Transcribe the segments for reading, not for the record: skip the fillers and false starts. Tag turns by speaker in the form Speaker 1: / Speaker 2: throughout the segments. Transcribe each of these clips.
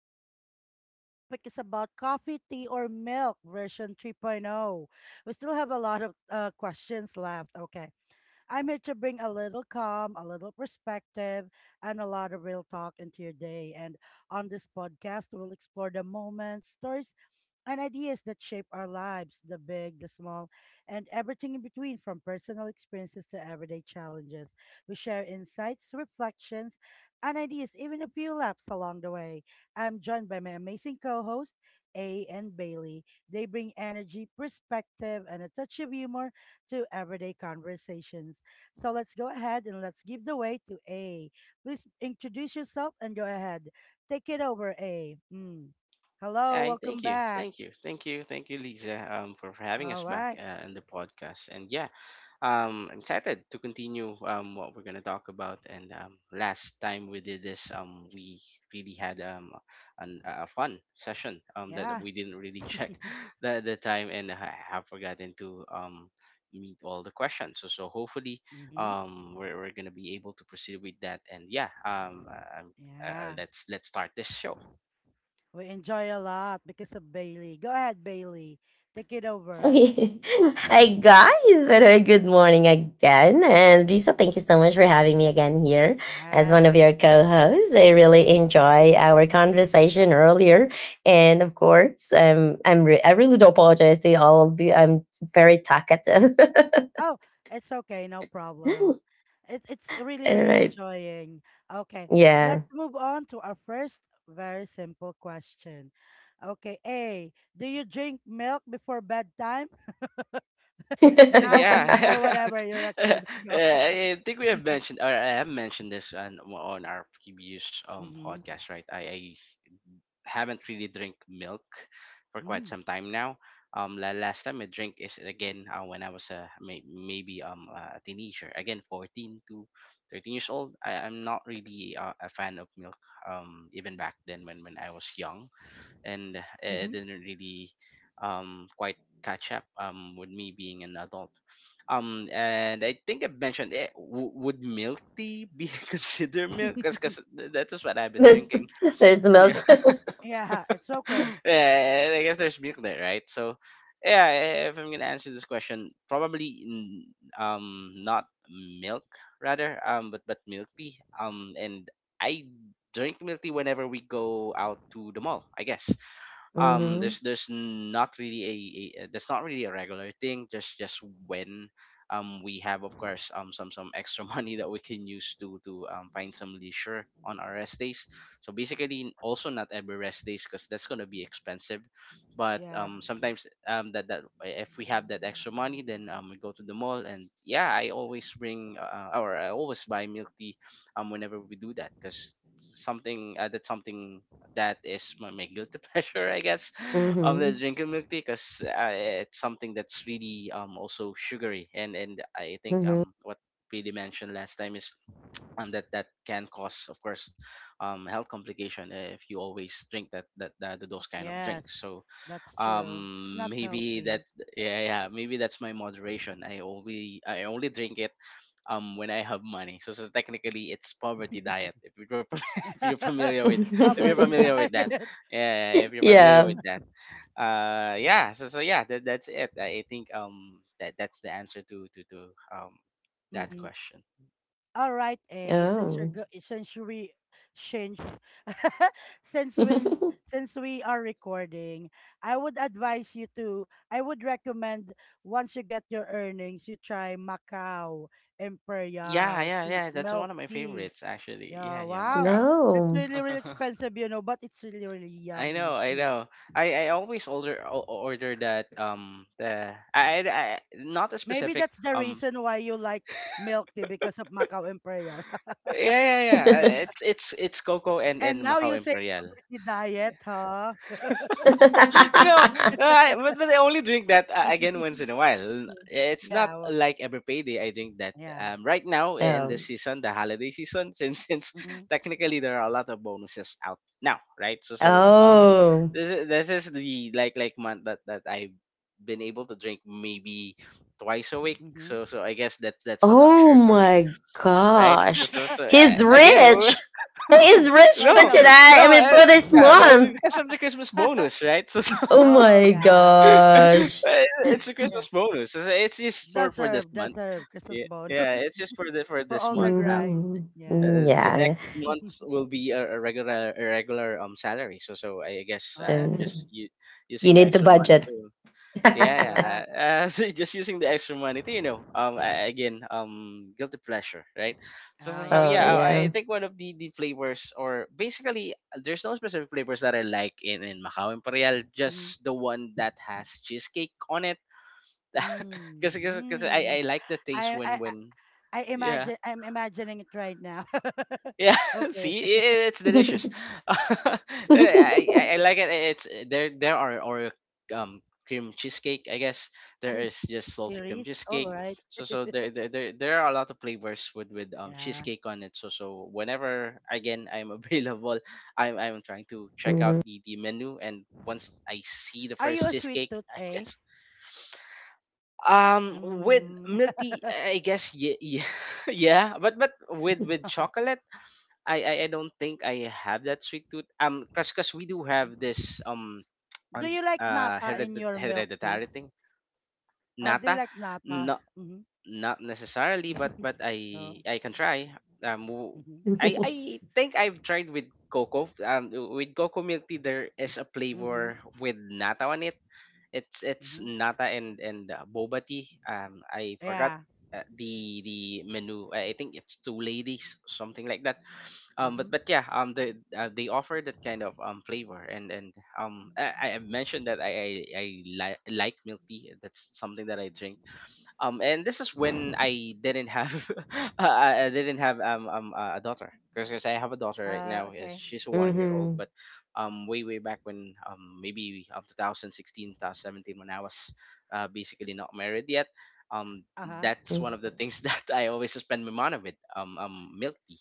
Speaker 1: with Lisa. Our topic is about coffee, tea, or milk version 3.0. We still have a lot of questions left. Okay. I'm here to bring a little calm, a little perspective, and a lot of real talk into your day. And on this podcast, we'll explore the moments, stories, and ideas that shape our lives, the big, the small, and everything in between, from personal experiences to everyday challenges. We share insights, reflections, and ideas, even a few laps along the way. I'm joined by my amazing co host, A and Bailey. They bring energy, perspective, and a touch of humor to everyday conversations. So let's go ahead and let's give the way to A. Please introduce yourself and go ahead. Take it over, A. Mm. Hello,
Speaker 2: Hi,
Speaker 1: welcome
Speaker 2: thank you,
Speaker 1: back.
Speaker 2: thank you, thank you, thank you, Lisa, for having us
Speaker 1: All
Speaker 2: back
Speaker 1: right.
Speaker 2: on the podcast. And yeah, I'm excited to continue what we're gonna talk about. And last time we did this, we really had a fun session that
Speaker 1: Yeah.
Speaker 2: we didn't really check the time and I have forgotten to meet all the questions. So hopefully
Speaker 1: Mm-hmm.
Speaker 2: we're gonna be able to proceed with that. And yeah,
Speaker 1: Yeah.
Speaker 2: let's start this show.
Speaker 1: We enjoy a lot because of Bailey. Go ahead, Bailey. Take it over.
Speaker 3: Okay. Hi guys, very well, good morning again. And Lisa, thank you so much for having me again here as one
Speaker 1: Yes.
Speaker 3: of your co-hosts. I really enjoy our conversation earlier. And of
Speaker 1: Mhm.
Speaker 3: course, I really do apologize to all of you. I'm very talkative.
Speaker 1: Oh, it's okay. No problem. It's really,
Speaker 3: All
Speaker 1: really
Speaker 3: right.
Speaker 1: enjoying. Okay.
Speaker 3: Yeah.
Speaker 1: Let's move on to our first very simple question. Okay. A, do you drink milk before bedtime? Now
Speaker 2: Yeah,
Speaker 1: and or whatever you're a
Speaker 2: Yeah,
Speaker 1: kid. Go.
Speaker 2: I think we have mentioned, or I have mentioned this on our previous
Speaker 1: mm-hmm.
Speaker 2: podcast, right? I haven't really drink milk for quite
Speaker 1: Mm-hmm.
Speaker 2: some time now. Last time I drink is again when I was maybe a teenager, again 14 to 13 years old. I'm not really a fan of milk. Even back then when I was young, and it didn't really quite catch up with me being an adult, and I think I mentioned it. Would milk tea be considered milk? Because cause 'cause th- that is what I've been
Speaker 3: There's,
Speaker 2: drinking.
Speaker 3: there's the
Speaker 2: Yeah.
Speaker 3: milk.
Speaker 1: Yeah, it's okay.
Speaker 2: Yeah, I guess there's milk there, right? So, yeah, if I'm gonna answer this question, probably not milk rather, but milk tea, and I drink milk tea whenever we go out to the mall, I guess.
Speaker 1: Mm.
Speaker 3: Hmm.
Speaker 2: There's not really that's not really a regular thing, just when we have, of course, some extra money that we can use to find some leisure on our rest days, so basically also not every rest days because that's going to be expensive. But
Speaker 1: Yeah.
Speaker 2: sometimes that if we have that extra money, then we go to the mall. And yeah, I always bring or I always buy milk tea whenever we do that because something, that's something that is my, my guilty pleasure, I guess, the
Speaker 3: Hmm.
Speaker 2: drinking milk tea, because it's something that's really also sugary. And I think
Speaker 3: Hmm.
Speaker 2: what Pili mentioned last time is that that can cause, of course, health complication if you always drink that those kind of drinks.
Speaker 1: Yes.
Speaker 2: So
Speaker 1: That's true. It's
Speaker 2: um
Speaker 1: not
Speaker 2: maybe that
Speaker 1: healthy.
Speaker 2: yeah, maybe that's my moderation. I only drink it when I have money. So so technically it's poverty diet. If you're if you're familiar with,
Speaker 1: My
Speaker 2: if you're
Speaker 1: birthday
Speaker 2: familiar with that,
Speaker 1: diet.
Speaker 2: yeah, if you're familiar
Speaker 3: Yeah.
Speaker 2: with that, yeah. So yeah, that's it. I think that that's the answer to um that
Speaker 1: Mm-mm.
Speaker 2: question.
Speaker 1: All right, A. Since you're
Speaker 3: Oh.
Speaker 1: go- since you we change, since when since we are recording, I would advise you to. I would recommend once you get your earnings, you try Macau
Speaker 2: Yeah,
Speaker 1: Imperial
Speaker 2: yeah,
Speaker 1: tea,
Speaker 2: yeah. That's one
Speaker 1: milk
Speaker 2: of my
Speaker 1: tea.
Speaker 2: favorites, actually.
Speaker 1: Yeah.
Speaker 2: Yeah, yeah,
Speaker 1: Wow.
Speaker 2: Macau.
Speaker 1: That's
Speaker 3: No.
Speaker 1: really really expensive, you know, but it's really really
Speaker 2: I know,
Speaker 1: yummy.
Speaker 2: I
Speaker 1: Mm.
Speaker 2: know. I always order that, the not a
Speaker 1: Maybe
Speaker 2: specific
Speaker 1: that's the
Speaker 2: um
Speaker 1: reason why you like milk tea because of Macau Imperial.
Speaker 2: Yeah, yeah, yeah. It's cocoa and
Speaker 1: And now
Speaker 2: Macau
Speaker 1: you say
Speaker 2: Imperial.
Speaker 1: poverty diet, huh?
Speaker 2: No, no, I, but I only drink that, again, once in a while. It's not
Speaker 1: yeah, w-
Speaker 2: like every payday I drink that.
Speaker 1: yeah.
Speaker 2: Right now in the
Speaker 3: um.
Speaker 2: season, the holiday season, since
Speaker 1: hmm
Speaker 2: technically there are a lot of bonuses out now, right? So
Speaker 1: Okay.
Speaker 3: Oh.
Speaker 2: this is the like month that that I've been able to drink maybe twice a week.
Speaker 1: hmm
Speaker 2: So I guess that's a
Speaker 3: Oh
Speaker 2: luxury for me,
Speaker 3: my
Speaker 2: right? So
Speaker 3: gosh.
Speaker 2: so so
Speaker 3: He's
Speaker 2: again,
Speaker 3: rich. He's rich
Speaker 1: Twice
Speaker 3: for
Speaker 2: No,
Speaker 1: a week.
Speaker 3: today. I
Speaker 2: no,
Speaker 3: mean,
Speaker 2: eh,
Speaker 3: for this
Speaker 2: yeah,
Speaker 1: Mhm.
Speaker 3: month.
Speaker 2: because of the Christmas bonus, right? So, so
Speaker 3: Oh
Speaker 1: oh
Speaker 3: my
Speaker 1: yeah,
Speaker 3: gosh.
Speaker 2: eh, it's a
Speaker 1: yeah.
Speaker 2: Christmas bonus. So so, it's just for this
Speaker 1: Deserve,
Speaker 2: month.
Speaker 1: deserve Christmas
Speaker 2: Yeah, yeah,
Speaker 1: bonus
Speaker 2: it's just for the for
Speaker 1: for
Speaker 2: this
Speaker 1: all the
Speaker 2: month.
Speaker 1: grind.
Speaker 3: Mhm.
Speaker 1: Yes.
Speaker 3: Mm,
Speaker 2: The
Speaker 3: yeah.
Speaker 2: next month will be a regular, salary. So I guess
Speaker 1: oh,
Speaker 2: I'm
Speaker 3: Um,
Speaker 2: just
Speaker 3: you
Speaker 2: using my
Speaker 3: need the
Speaker 2: extra money
Speaker 3: budget.
Speaker 2: to. Yeah, yeah.
Speaker 1: correct.
Speaker 2: So just using the extra money to, you know, a- again, guilty pleasure, right? So,
Speaker 1: Oh
Speaker 2: so, so
Speaker 3: Oh,
Speaker 2: yeah,
Speaker 1: yeah.
Speaker 2: I
Speaker 3: yeah.
Speaker 2: think one of the flavors, or basically, there's no specific flavors that I like in Macau Imperial,
Speaker 1: Mm-hmm.
Speaker 2: just the one that has cheesecake on it. Because
Speaker 1: Mm-hmm.
Speaker 2: I like the taste
Speaker 1: I, I
Speaker 2: when,
Speaker 1: I
Speaker 2: yeah.
Speaker 1: imagine I'm imagining it right now.
Speaker 2: Yeah,
Speaker 1: okay.
Speaker 2: See, it's delicious. I, I like it. It's there. There are Oreo um cream cheesecake. I guess there
Speaker 1: Cheese
Speaker 2: is just salty cream
Speaker 1: series. All
Speaker 2: cheesecake.
Speaker 1: right.
Speaker 2: There are a lot of flavors with
Speaker 1: yeah.
Speaker 2: cheesecake on it. So whenever again I'm available, I'm trying to check out
Speaker 3: Mhm.
Speaker 2: the menu. And once I see the
Speaker 1: Are you
Speaker 2: first
Speaker 1: a sweet
Speaker 2: cheesecake,
Speaker 1: tooth,
Speaker 2: I
Speaker 1: eh?
Speaker 2: guess with
Speaker 1: Mm.
Speaker 2: milk tea, I guess yeah, yeah. But with chocolate. I don't think I have that sweet tooth. Cause we do have this
Speaker 1: do you like nata in your milk tea?
Speaker 2: hereditary thing.
Speaker 1: Do you
Speaker 2: Nata,
Speaker 1: like nata?
Speaker 2: not
Speaker 1: Mm-hmm.
Speaker 2: necessarily, but
Speaker 1: oh.
Speaker 2: I can try. Um, w-
Speaker 1: Mm-hmm.
Speaker 2: I think I've tried with cocoa. With cocoa milk tea, there is a
Speaker 1: Mm-hmm.
Speaker 2: flavor with nata on it. It's
Speaker 1: Mm-hmm.
Speaker 2: nata and boba tea. I forgot
Speaker 1: Yeah.
Speaker 2: the menu. I think it's two ladies, something like that.
Speaker 1: Mm-hmm.
Speaker 2: But yeah, they offer that kind of flavor, and I mentioned that I like milk tea. That's something that I drink, and this is when I didn't have I didn't have, a daughter, because I have a daughter right now, yes,
Speaker 1: Okay.
Speaker 2: she's a 1 year old.
Speaker 3: Mhm.
Speaker 2: But way way back when, maybe 2016, 2017, when I was basically not married yet, um
Speaker 1: Uh-huh.
Speaker 2: that's
Speaker 3: Mm,
Speaker 2: one of the things that I always spend my money with, milk tea,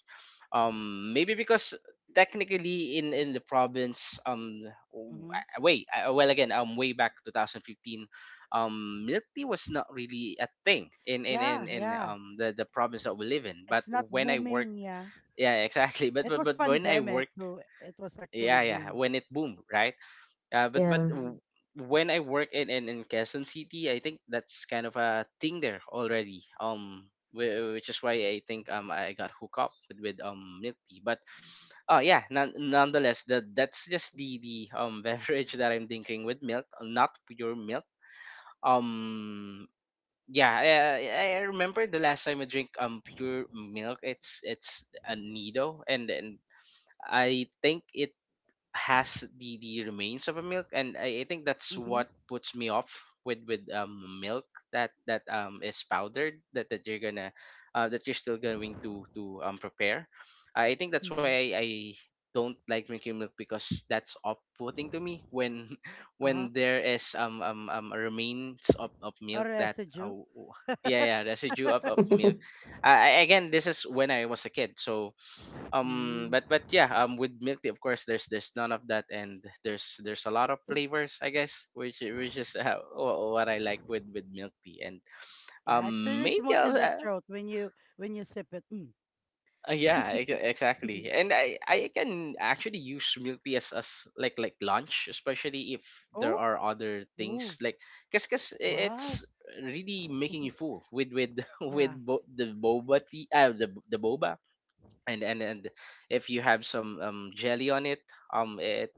Speaker 2: maybe because technically in the province,
Speaker 1: Mm-hmm.
Speaker 2: well, again, way back 2015, milk tea was not really a thing in
Speaker 1: Yeah,
Speaker 2: in
Speaker 1: yeah.
Speaker 2: the province that we live in. But
Speaker 1: It's not
Speaker 2: when I work,
Speaker 1: booming, yeah.
Speaker 2: yeah, exactly,
Speaker 1: It was
Speaker 2: but when I work,
Speaker 1: pandemic, so it was actually
Speaker 2: yeah yeah,
Speaker 1: boom.
Speaker 2: when it boomed, right, uh, but but
Speaker 3: yeah.
Speaker 1: Mm-hmm.
Speaker 2: w- when I work in, in Quezon City, I think that's kind of a thing there already. Which is why I think I got hooked up with, milk tea. But oh yeah, none, nonetheless, that that's just the beverage that I'm drinking, with milk, not pure milk, um, yeah. I remember the last time I drink pure milk. It's a Nido, and I think it has the remains of a milk. And I think that's
Speaker 1: mm-hmm.
Speaker 2: what puts me off with milk that is powdered, that you're gonna that you're still going to prepare. I think that's why
Speaker 1: Mm-hmm.
Speaker 2: I don't like drinking milk, because that's off-putting to me when
Speaker 1: Uh-huh.
Speaker 2: when there is remains of
Speaker 1: A
Speaker 2: milk that
Speaker 1: residue.
Speaker 2: w- yeah yeah, residue of milk, again this is when I was a kid. So um,
Speaker 1: Mm.
Speaker 2: but yeah, um, with milk tea, of course, there's none of that, and there's a lot of flavors, I guess, which is what I like with milk tea. And
Speaker 1: Yeah, it's
Speaker 2: um,
Speaker 1: really
Speaker 2: maybe
Speaker 1: smooth
Speaker 2: I'll
Speaker 1: in the throat when you sip it. Mm.
Speaker 2: yeah, exactly. And I can actually use milk tea as like lunch, especially if there
Speaker 1: Oh,
Speaker 2: are other
Speaker 1: ooh,
Speaker 2: things, because
Speaker 1: wow.
Speaker 2: it's really making you full with with
Speaker 1: Yeah.
Speaker 2: the boba tea, the boba and if you have some jelly on it, um, it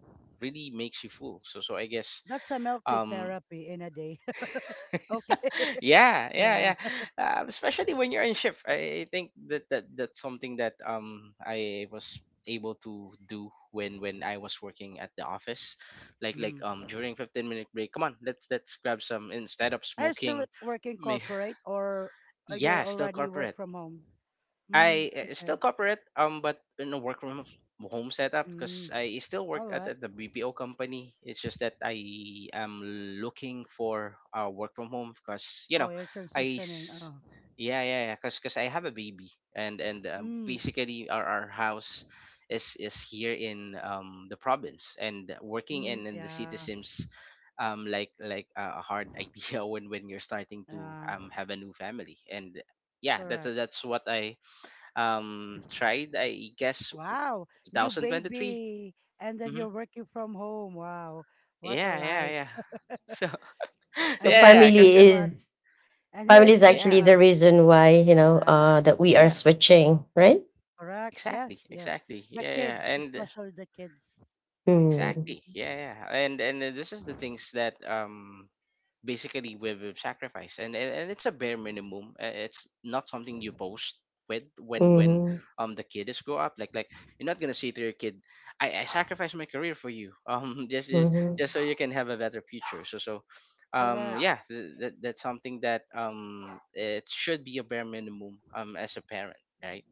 Speaker 2: really makes you full. So I guess
Speaker 1: That's a milk tea
Speaker 2: um
Speaker 1: therapy in a day. okay.
Speaker 2: yeah yeah
Speaker 1: yeah.
Speaker 2: yeah, especially when you're in shift. I think that, that that's something that I was able to do when I was working at the office, like
Speaker 1: Mm.
Speaker 2: during 15-minute break, come on, let's grab some instead of
Speaker 1: Are you still
Speaker 2: smoking.
Speaker 1: like, working
Speaker 2: May
Speaker 1: corporate or are you
Speaker 2: yeah, still
Speaker 1: already work
Speaker 2: corporate.
Speaker 1: from home? Mm.
Speaker 2: I
Speaker 1: Okay.
Speaker 2: still corporate, but in a work from home setup,
Speaker 1: Mm.
Speaker 2: because I still work
Speaker 1: All right.
Speaker 2: at the BPO company. It's just that I am looking for work from home, because you know,
Speaker 1: Oh, you're
Speaker 2: I
Speaker 1: transitioning.
Speaker 2: s-
Speaker 1: Oh.
Speaker 2: yeah yeah yeah, because I have a baby. And
Speaker 1: Mm.
Speaker 2: basically our house is here in the province, and working
Speaker 1: Mm.
Speaker 2: in the city
Speaker 1: Yeah.
Speaker 2: seems like a hard idea when you're starting to
Speaker 1: Yeah.
Speaker 2: have a new family. And yeah,
Speaker 1: Correct.
Speaker 2: that's what I tried, I guess,
Speaker 1: Wow, new
Speaker 2: 2023.
Speaker 1: baby, and then
Speaker 2: Mm-hmm.
Speaker 1: you're working from home. Wow, what a
Speaker 2: yeah yeah
Speaker 1: life!
Speaker 2: yeah so
Speaker 3: so
Speaker 1: And here is
Speaker 2: yeah yeah cause,
Speaker 3: family
Speaker 1: Christmas,
Speaker 3: is
Speaker 1: and here
Speaker 3: family
Speaker 1: is
Speaker 3: is actually
Speaker 2: yeah
Speaker 3: the
Speaker 1: Christmas.
Speaker 3: reason why
Speaker 1: Yeah,
Speaker 3: that we are
Speaker 2: yeah
Speaker 3: switching, right?
Speaker 1: correct.
Speaker 2: exactly
Speaker 1: Yes, yes.
Speaker 2: exactly
Speaker 1: The
Speaker 2: yeah yeah
Speaker 1: kids,
Speaker 2: and
Speaker 1: especially the kids.
Speaker 3: Mm.
Speaker 2: exactly yeah
Speaker 1: Mm-hmm,
Speaker 2: yeah and this is the things that basically with sacrifice and it's a bare minimum. It's not something you boast with when when
Speaker 1: mm-hmm.
Speaker 3: Mhm.
Speaker 2: um the kid is grow up, like, like, you're not gonna say to your kid, I sacrificed my career for you.
Speaker 1: mm-hmm,
Speaker 3: Mhm.
Speaker 2: Just so you can have a better future, so so,
Speaker 1: Correct.
Speaker 2: yeah, that's something that it should be a bare minimum as a parent, right?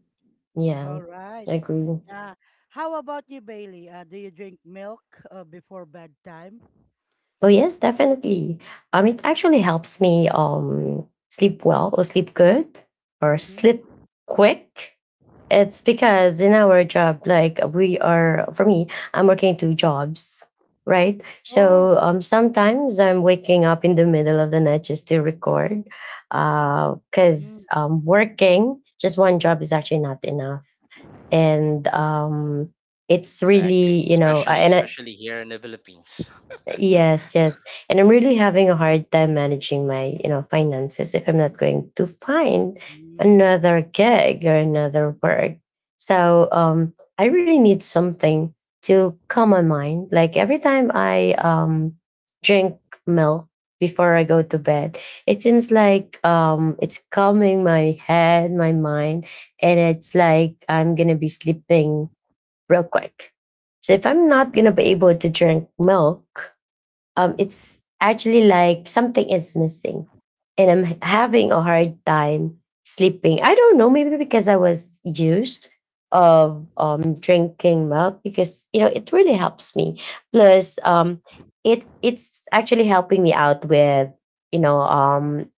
Speaker 3: Yeah,
Speaker 1: All right.
Speaker 3: I agree.
Speaker 1: Yeah. How about you, Bailey? Do you drink milk before bedtime?
Speaker 3: Oh yes, definitely. It actually helps me sleep well or sleep good or sleep
Speaker 1: Mm-hmm.
Speaker 3: quick. It's because in our job, like we are for me, I'm working two jobs, right? So
Speaker 1: Oh.
Speaker 3: sometimes I'm waking up in the middle of the night just to record.
Speaker 1: Mm-hmm.
Speaker 3: Because working just one job is actually not enough. And it's really,
Speaker 2: Exactly, especially
Speaker 3: and I.
Speaker 2: especially here in the Philippines.
Speaker 3: Yes, yes. And I'm really having a hard time managing my finances if I'm not going to find
Speaker 1: mm-hmm,
Speaker 3: another gig or another work. So I really need something to calm my mind. Like every time I drink milk before I go to bed, it seems like it's calming my head, my mind, and it's like I'm gonna be sleeping real quick. So if I'm not gonna
Speaker 1: mm-hmm,
Speaker 3: be able to drink milk it's actually like something is missing, and having a
Speaker 1: Okay.
Speaker 3: hard time sleeping. I don't know, maybe because I was used of drinking milk because it really helps me. Plus it's actually helping me out with you know um,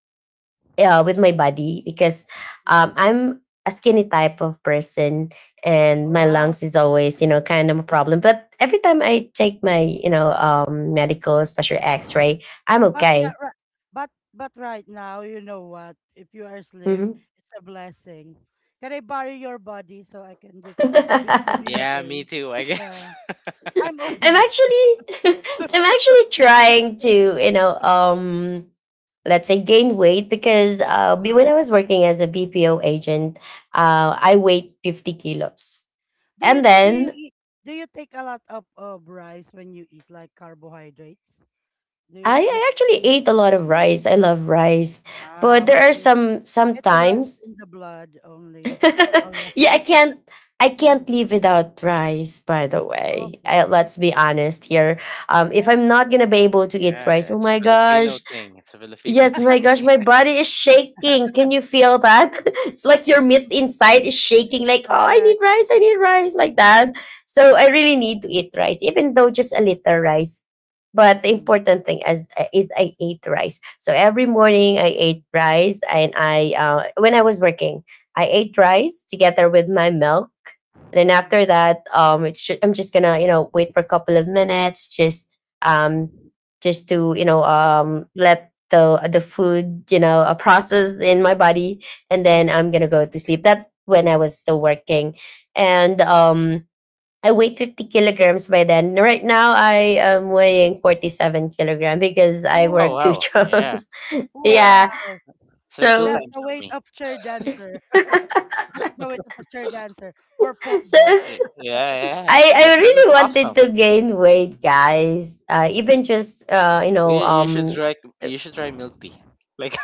Speaker 3: with my body because
Speaker 1: Mm-hmm.
Speaker 3: I'm a skinny type of person, and
Speaker 1: Oh,
Speaker 3: my
Speaker 1: wow.
Speaker 3: lungs is always kind of a problem. But every time I take my medical, especially x-ray, I'm
Speaker 1: But yeah,
Speaker 3: okay.
Speaker 1: right. But right now, you know what? If you are slim,
Speaker 3: Mhm.
Speaker 1: it's a blessing. Can I borrow your body so I can just be slim
Speaker 3: I'm
Speaker 1: in a
Speaker 2: Yeah,
Speaker 1: day?
Speaker 2: me too, I guess.
Speaker 1: Yeah, I'm obese.
Speaker 3: actually, I'm actually trying to let's say gain weight because when
Speaker 1: Uh-huh.
Speaker 3: I was working as a BPO agent, I weighed 50 kilos. And
Speaker 1: Do you
Speaker 3: then
Speaker 1: eat? Do you take a lot of rice when you eat like carbohydrates? Do you
Speaker 3: I,
Speaker 1: do,
Speaker 3: I
Speaker 1: do
Speaker 3: actually
Speaker 1: you?
Speaker 3: ate a lot of
Speaker 1: Mm.
Speaker 3: rice. I love rice, but
Speaker 1: Wow.
Speaker 3: there are
Speaker 1: Okay.
Speaker 3: some
Speaker 1: It runs
Speaker 3: sometimes.
Speaker 1: in the blood only. All right.
Speaker 3: Yeah, I can't. I can't live without rice. By the way,
Speaker 1: okay.
Speaker 3: let's be honest here. If
Speaker 1: Yes.
Speaker 3: I'm not gonna be able to eat rice,
Speaker 2: Yeah,
Speaker 3: oh
Speaker 2: it's a
Speaker 3: my
Speaker 2: Filipino
Speaker 3: gosh,
Speaker 2: thing, it's a Filipino
Speaker 3: yes, my
Speaker 2: thing.
Speaker 3: gosh, my body is shaking. Can you feel that? It's like your meat inside is shaking. Like, oh, I need
Speaker 1: Correct.
Speaker 3: rice. I need rice, like that. So I really need to eat rice, even though just a little rice, but the
Speaker 1: Mhm.
Speaker 3: important thing is I ate rice. So every morning I ate rice, and I when I was working, I ate rice together with my milk. Then
Speaker 1: Mhm.
Speaker 3: after that, I'm just gonna wait for a couple of minutes, um, just to let the food, process in my body, and
Speaker 1: mhm.
Speaker 3: then I'm gonna go to sleep. That's when I was still working, and I weighed 50 kilograms by then. Right now, I am weighing 47 kilograms because I
Speaker 2: Oh
Speaker 1: Oh,
Speaker 3: work two
Speaker 2: wow, yeah,
Speaker 3: jobs.
Speaker 2: yeah.
Speaker 1: wow.
Speaker 3: Yeah.
Speaker 2: It's like two
Speaker 3: So,
Speaker 2: times
Speaker 1: The
Speaker 2: of
Speaker 1: weight
Speaker 2: me.
Speaker 1: of chair dancer.
Speaker 3: so
Speaker 1: That's the weight of a chair dancer for pole vault.
Speaker 2: Yeah, yeah.
Speaker 3: I, I
Speaker 2: That is
Speaker 3: really wanted
Speaker 2: awesome.
Speaker 3: to gain weight, guys. Even just
Speaker 2: You should try, you should try milk tea. Like,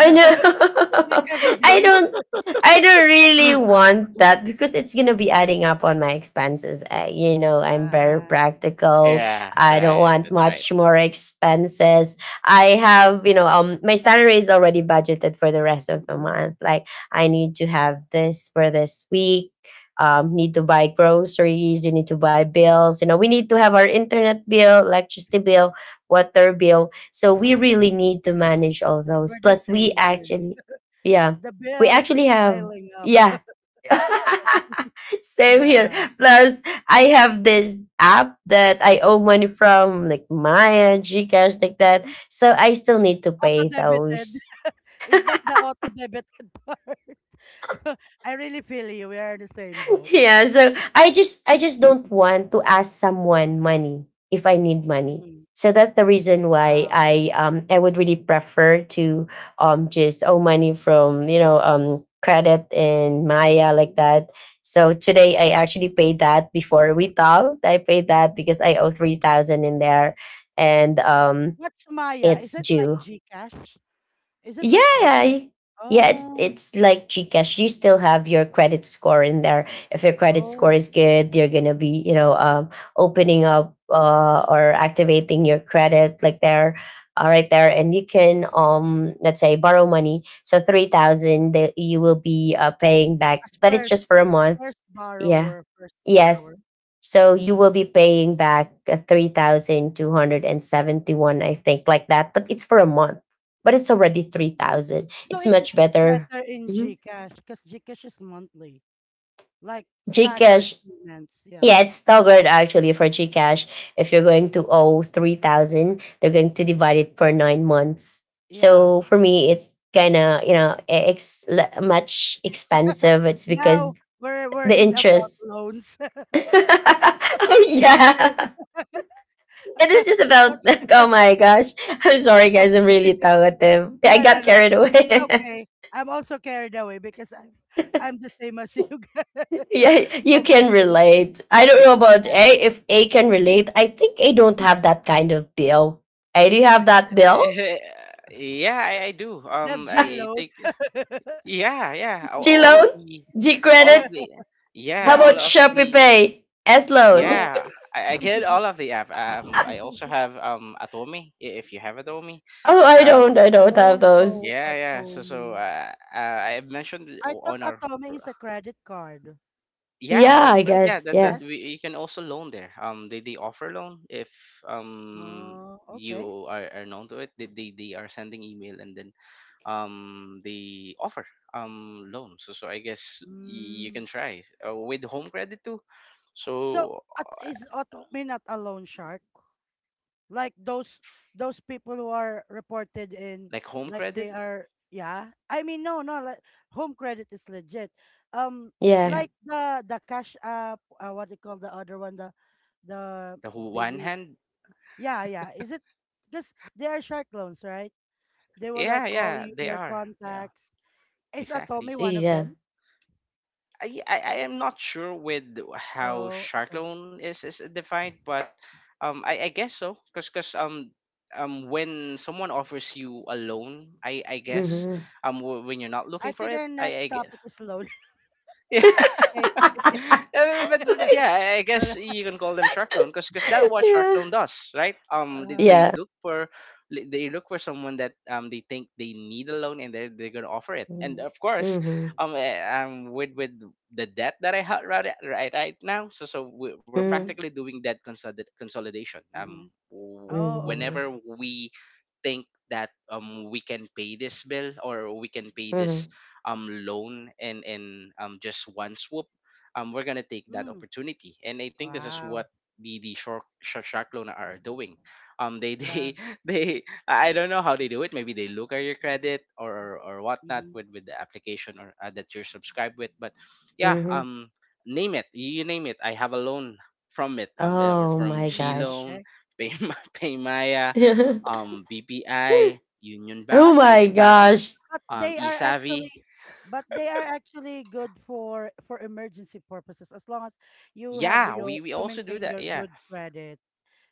Speaker 3: I
Speaker 1: Like
Speaker 3: know.
Speaker 1: every
Speaker 3: I
Speaker 1: day.
Speaker 3: don't. I don't really want that because it's gonna be adding up on my expenses. You know, I'm very
Speaker 1: Yeah.
Speaker 3: practical.
Speaker 2: yeah,
Speaker 3: I
Speaker 2: yeah,
Speaker 3: don't
Speaker 2: yeah.
Speaker 3: want
Speaker 2: That's right.
Speaker 3: much more expenses. I have my salary is already budgeted for the rest of the
Speaker 1: Mm-hmm.
Speaker 3: month. Like, I need to have this for this week. Need to buy groceries. You need to buy bills. We need to have our internet bill, electricity bill, water bill, so we really need to manage all
Speaker 1: We're
Speaker 3: those.
Speaker 1: the
Speaker 3: Plus, we
Speaker 1: same, Bailey.
Speaker 3: actually, yeah,
Speaker 1: The
Speaker 3: we
Speaker 1: bills is
Speaker 3: actually have.
Speaker 1: piling up.
Speaker 3: Yeah. Same here.
Speaker 1: Yeah.
Speaker 3: Plus, I have this app that I owe money from, like Maya, Gcash, like that. So I still need to
Speaker 1: Auto
Speaker 3: pay
Speaker 1: debited.
Speaker 3: those.
Speaker 1: Is that the auto debited part? I really feel you. We are in the same boat.
Speaker 3: Yeah. So I just don't want to ask someone money if I need money.
Speaker 1: Mm,
Speaker 3: So that's the reason why
Speaker 1: Wow.
Speaker 3: I would really prefer to just owe money from credit and Maya, like
Speaker 1: Mhm.
Speaker 3: that. So today I actually paid that before we talked. I paid that because I owe 3,000 in there. And
Speaker 1: What's Maya? Is
Speaker 3: it's
Speaker 1: it like
Speaker 3: due.
Speaker 1: Gcash? Is it
Speaker 3: Yeah,
Speaker 1: like Gcash?
Speaker 3: yeah, it's
Speaker 1: Oh,
Speaker 3: it's like Gcash. You still have your credit score in there. If your credit
Speaker 1: oh.
Speaker 3: score is good, you're gonna be opening up, or activating your credit like there, right there, and you can, let's say, borrow money. So 3,000, that you will be paying back,
Speaker 1: As
Speaker 3: but it's
Speaker 1: first
Speaker 3: just for a month.
Speaker 1: first
Speaker 3: Yeah.
Speaker 1: borrower, first
Speaker 3: Yes.
Speaker 1: borrower.
Speaker 3: So you
Speaker 1: Mhm.
Speaker 3: will be paying back 3,271, I think, like that. But it's for a month. But it's already 3,000.
Speaker 1: So
Speaker 3: It's
Speaker 1: it's
Speaker 3: much
Speaker 1: much
Speaker 3: better.
Speaker 1: better in
Speaker 3: Mhm.
Speaker 1: GCash because GCash is monthly, like staggered
Speaker 3: Gcash.
Speaker 1: payments. Yeah,
Speaker 3: Yeah, it's staggered actually for Gcash. If you're going to owe 3,000, they're going to divide it for 9 months.
Speaker 1: yeah.
Speaker 3: So for me, it's kind of, much expensive. It's because
Speaker 1: Now we're
Speaker 3: the
Speaker 1: in about
Speaker 3: interest.
Speaker 1: loans.
Speaker 3: Oh,
Speaker 1: It's really-
Speaker 3: yeah. It is
Speaker 1: but-
Speaker 3: just about. Oh my gosh. I'm sorry, guys. I'm
Speaker 1: okay.
Speaker 3: really talkative. I
Speaker 1: No, no,
Speaker 3: got
Speaker 1: no.
Speaker 3: carried
Speaker 1: It's
Speaker 3: away.
Speaker 1: okay. I'm also carried away because I'm the same as you guys.
Speaker 3: Yeah, you can
Speaker 1: Okay.
Speaker 3: relate. I don't know about
Speaker 1: Yes.
Speaker 3: A. If A can relate, I think A don't have that kind of bill. A, do you have that bills?
Speaker 2: Eh, yeah, I do.
Speaker 1: Deb G
Speaker 2: I
Speaker 1: load.
Speaker 2: think yeah, yeah.
Speaker 3: G loan, G
Speaker 2: All
Speaker 3: credit.
Speaker 2: of the,
Speaker 3: How
Speaker 2: yeah,
Speaker 1: Yeah.
Speaker 3: about
Speaker 2: all of
Speaker 3: Shopee
Speaker 2: the.
Speaker 3: Pay, S loan?
Speaker 1: Oh.
Speaker 2: Yeah, I get all of the app. I also have Atomi, if you have Atomi.
Speaker 3: Oh, i
Speaker 1: No,
Speaker 3: don't
Speaker 1: I
Speaker 3: i
Speaker 2: Um,
Speaker 3: don't have
Speaker 1: don't
Speaker 3: those.
Speaker 1: know
Speaker 2: yeah, yeah. So so
Speaker 1: Atomy.
Speaker 2: uh, I mentioned it
Speaker 1: I thought
Speaker 2: on our
Speaker 1: Atomy
Speaker 2: pr-
Speaker 1: is a credit card.
Speaker 2: yeah,
Speaker 1: So
Speaker 3: Yeah,
Speaker 2: that,
Speaker 1: it's
Speaker 3: I
Speaker 2: but
Speaker 1: like
Speaker 2: yeah,
Speaker 3: guess.
Speaker 2: that that
Speaker 3: Yeah,
Speaker 1: cash.
Speaker 2: we, you can also loan there. They offer loan if um
Speaker 1: Oh, okay.
Speaker 2: you are known to it. They, they are sending email, and then they offer loan. So so I guess you
Speaker 1: Mm.
Speaker 2: can try, with home credit too.
Speaker 1: So
Speaker 2: So
Speaker 1: at, is Atomy not a loan shark? Like those people who are reported in
Speaker 2: like home
Speaker 1: like
Speaker 2: credit.
Speaker 1: they are yeah. I mean no no like home credit is legit. Um
Speaker 3: yeah,
Speaker 2: Yeah.
Speaker 1: like the cash app what do you call the other one the
Speaker 2: The one
Speaker 1: Billy
Speaker 2: hand?
Speaker 1: yeah yeah is it because they are shark loans right. They will
Speaker 2: Yeah,
Speaker 1: like call
Speaker 2: yeah,
Speaker 1: you
Speaker 2: they
Speaker 1: your
Speaker 2: are. Yeah,
Speaker 1: contacts. Is
Speaker 2: exactly.
Speaker 1: Atomy one of
Speaker 3: yeah.
Speaker 1: them?
Speaker 2: I am not sure with how
Speaker 1: Oh,
Speaker 2: shark
Speaker 1: okay.
Speaker 2: loan is defined, but I guess so. Because 'cause, when someone offers you a loan, I
Speaker 1: hmm
Speaker 2: guess,
Speaker 3: Hmm.
Speaker 2: when you're not
Speaker 1: I
Speaker 2: looking for
Speaker 1: think
Speaker 2: it,
Speaker 1: our
Speaker 2: I
Speaker 1: next
Speaker 2: guess.
Speaker 1: topic is loan. Okay.
Speaker 2: But yeah, I
Speaker 1: Wala.
Speaker 2: guess you can call them shark loan, because that's what shark
Speaker 3: Yeah,
Speaker 2: loan does, right?
Speaker 1: Uh-huh.
Speaker 2: They
Speaker 3: yeah.
Speaker 2: look for they look for someone that they think they need a loan, and they're gonna offer it. And
Speaker 1: hmm
Speaker 2: of course,
Speaker 3: Mm-hmm.
Speaker 2: um, with the debt that I have right now, so we're
Speaker 1: hmm
Speaker 3: Mm,
Speaker 2: practically doing that consolidation.
Speaker 1: hmm Oh, okay.
Speaker 3: mhm,
Speaker 2: Whenever we think that we can pay this bill, or we can pay
Speaker 3: mhm,
Speaker 2: this loan in just one swoop, we're gonna take that
Speaker 1: Mm.
Speaker 2: opportunity. And I think this is what
Speaker 1: Wow.
Speaker 2: the shark loan are doing. Um,
Speaker 1: Yeah.
Speaker 2: they they, I don't know how they do it. Maybe they look at your credit, or whatnot,
Speaker 1: hmm
Speaker 2: with the application or, that you're subscribed with. But yeah.
Speaker 3: mhm.
Speaker 2: Name it, you name it, I have a loan from it.
Speaker 3: Oh
Speaker 2: From
Speaker 3: my
Speaker 1: Mm,
Speaker 2: G
Speaker 3: gosh.
Speaker 2: Loan,
Speaker 1: okay.
Speaker 2: pay, Paymaya, BPI, Union Bank,
Speaker 3: Oh
Speaker 1: But it
Speaker 3: my
Speaker 2: Security Bank,
Speaker 1: but
Speaker 3: gosh.
Speaker 1: but they are actually
Speaker 2: eSavvy.
Speaker 1: but they are actually good for emergency purposes as long as you have
Speaker 2: Yeah,
Speaker 1: your
Speaker 2: we
Speaker 1: to
Speaker 2: also do
Speaker 1: maintain
Speaker 2: that.
Speaker 1: your
Speaker 2: Yeah,
Speaker 1: good credit.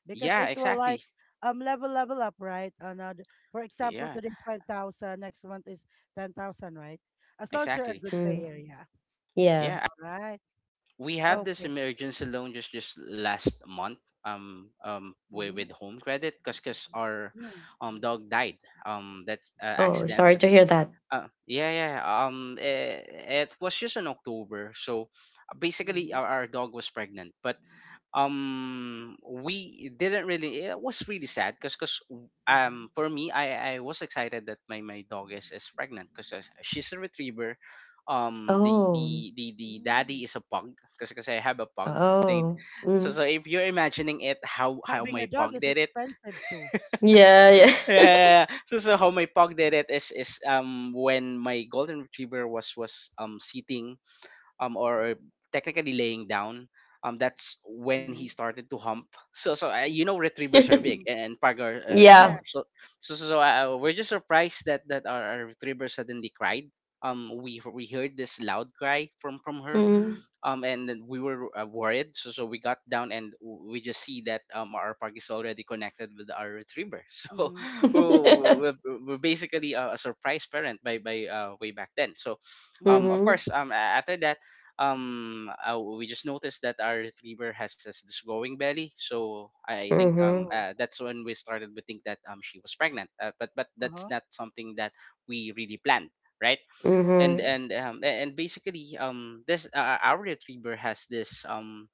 Speaker 1: Because
Speaker 2: yeah,
Speaker 1: it will like
Speaker 2: exactly.
Speaker 1: level level up right another for example
Speaker 2: Yeah,
Speaker 1: today's 5,000 next month is 10,000 right as long as you're a
Speaker 2: exactly.
Speaker 1: good
Speaker 3: Mm,
Speaker 1: payer yeah
Speaker 3: yeah.
Speaker 2: Yeah,
Speaker 1: all right
Speaker 2: we have this
Speaker 1: okay
Speaker 2: emergency loan just last month.
Speaker 1: mm-hmm.
Speaker 2: With home credit, 'cause our
Speaker 1: Mm,
Speaker 2: dog died. That's,
Speaker 3: Oh,
Speaker 1: Mm-hmm.
Speaker 3: sorry to
Speaker 2: accidentally.
Speaker 3: hear that.
Speaker 2: Yeah, yeah, yeah. It was just in October, so basically
Speaker 1: Mm-hmm.
Speaker 2: our dog was pregnant. But we didn't really. It was really sad, because
Speaker 1: Mm-hmm.
Speaker 2: for me, I was excited that my dog is pregnant, because she's a retriever. Um, the the
Speaker 3: Oh.
Speaker 2: the
Speaker 1: Mm.
Speaker 2: daddy is a pug, because I have a pug. They,
Speaker 3: Oh.
Speaker 2: so,
Speaker 3: Mm.
Speaker 2: if you're imagining it, how
Speaker 1: Having
Speaker 2: my
Speaker 1: a dog
Speaker 2: pug
Speaker 1: is
Speaker 2: did it.
Speaker 1: expensive too
Speaker 3: Yeah,
Speaker 2: Yeah. Yeah, yeah. So so how my pug did it, is when my golden retriever was sitting, or technically laying down, that's when he
Speaker 1: mm-hmm.
Speaker 2: started to hump. So so, you know, retrievers are
Speaker 3: yeah.
Speaker 2: big,
Speaker 1: Mm-hmm.
Speaker 2: and pug are,
Speaker 3: Yeah.
Speaker 1: Yeah
Speaker 2: small. So so so, so, we're just surprised that our retriever suddenly cried. Um, we heard this loud cry from her,
Speaker 1: mm-hmm.
Speaker 3: Mm.
Speaker 2: and then we were, worried. So so we got down, and we just see that our pug is already connected with our retriever. So
Speaker 1: Mm-hmm.
Speaker 2: oh, we're basically a surprise parent by, way back then. So
Speaker 1: Mm-hmm.
Speaker 2: of
Speaker 3: Mhm.
Speaker 2: course, after that, we just noticed that our retriever has this growing belly. So I think,
Speaker 3: Mhm.
Speaker 1: Oh
Speaker 2: that's when we started to think that she was pregnant. Uh, but that's
Speaker 1: uh-huh
Speaker 2: not something that we really planned, right? and
Speaker 3: Mhm.
Speaker 1: okay
Speaker 2: and and basically this, our retriever has this um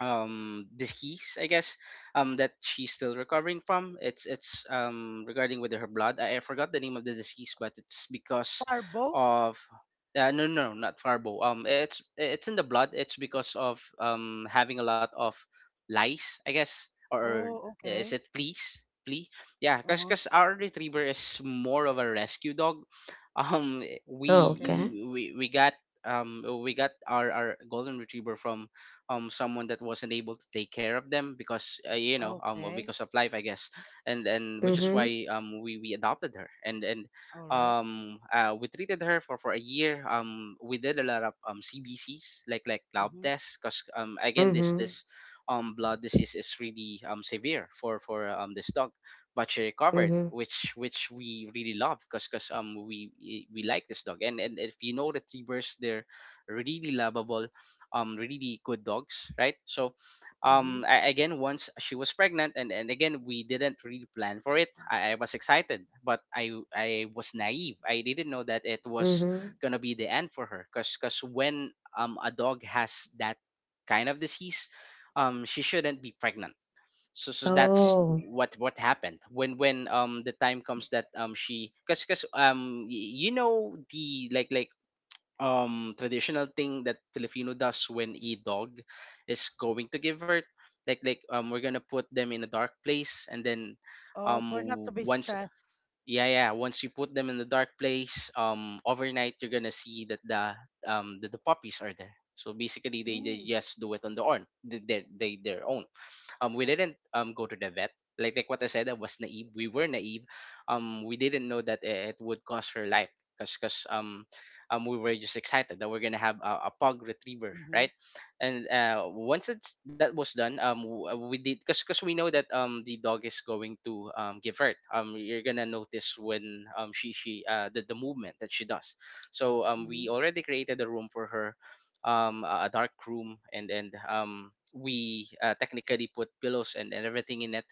Speaker 2: um disease, I guess, that she's still recovering from. It's regarding with her blood. I forgot the name of the disease, but it's because
Speaker 1: farbo
Speaker 2: of, no no, not farbo. Um, it's in the blood, it's because of having a lot of lice, I guess, or
Speaker 1: oh
Speaker 2: is
Speaker 1: okay
Speaker 2: it fleas, flea? Yeah,
Speaker 1: uh-huh
Speaker 2: because our retriever is more of a rescue dog. Um,
Speaker 1: okay
Speaker 3: Okay.
Speaker 2: we got, we got our golden retriever from someone that wasn't able to take care of them, because, you know, well,
Speaker 1: okay
Speaker 2: because of life, I guess. And which is
Speaker 1: mm-hmm.
Speaker 3: Mhm.
Speaker 2: why we adopted her. And
Speaker 1: All right
Speaker 2: we treated her for a year. Um, we did a lot of CBCs, like lab
Speaker 1: mm-hmm.
Speaker 2: tests, because again,
Speaker 3: Mhm.
Speaker 2: this blood disease is really severe for this dog. But she recovered,
Speaker 3: Mhm.
Speaker 2: which we really love, because we like this dog. And if you know the retrievers, they're really lovable, really good dogs, right? So
Speaker 1: Mm-hmm.
Speaker 2: I, again, once she was pregnant, and again, we didn't really plan for it. I was excited, but I was naive, I didn't know that it was
Speaker 3: Mhm.
Speaker 2: gonna be the end for her. Because when a dog has that kind of disease, she shouldn't be pregnant. So so that's
Speaker 1: Okay.
Speaker 3: Oh,
Speaker 2: what happened when the time comes that she, because you know, the, like, traditional thing that Filipino does when a dog is going to give birth. Like, we're gonna put them in a dark place, and then
Speaker 1: Oh, for not
Speaker 2: w-
Speaker 1: to be
Speaker 2: once
Speaker 1: stressed.
Speaker 2: yeah, yeah, once you put them in the dark place overnight, you're gonna see that the puppies are there. So basically, they
Speaker 1: Mm.
Speaker 2: just do it on their own. They their own. Um, we didn't go to the vet. Like what I said, I was naive, we were naive. Um, we didn't know that it would cost her life, because 'cause we were just excited that we're gonna have a pug retriever,
Speaker 1: Mm-hmm.
Speaker 2: right? And uh, once it's that was done, we did, because we know that the dog is going to give birth. Um, you're gonna notice when she the movement that she does. So we
Speaker 1: Mm-hmm.
Speaker 2: already created a room for her, a dark room. And we, technically put pillows and everything in it.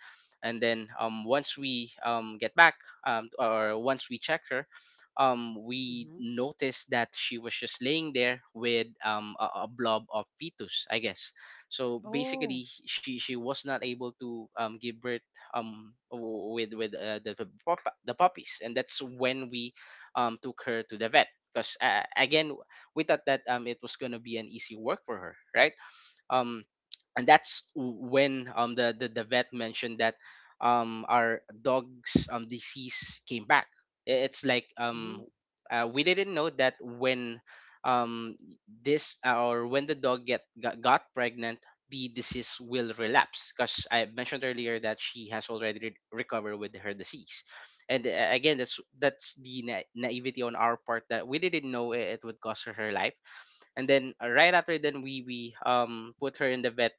Speaker 2: And then once we get back, or once we check her, we
Speaker 1: Mm-hmm.
Speaker 2: noticed that she was just laying there with a blob of fetus, I guess. So
Speaker 1: Oh.
Speaker 2: basically, she was not able to give birth with the puppies. And that's when we took her to the vet, because again, we thought that it was going to be an easy work for her, right? Um, and that's when um, the vet mentioned that um, our dog's disease came back. It's like,
Speaker 1: Mm-hmm.
Speaker 2: um, we didn't know that when um, this or when the dog got pregnant, the disease will relapse, because I mentioned earlier that she has already recovered with her disease. And again, that's the naivety on our part, that we didn't know it would cost her her life. And then right after then, we put her in the vet.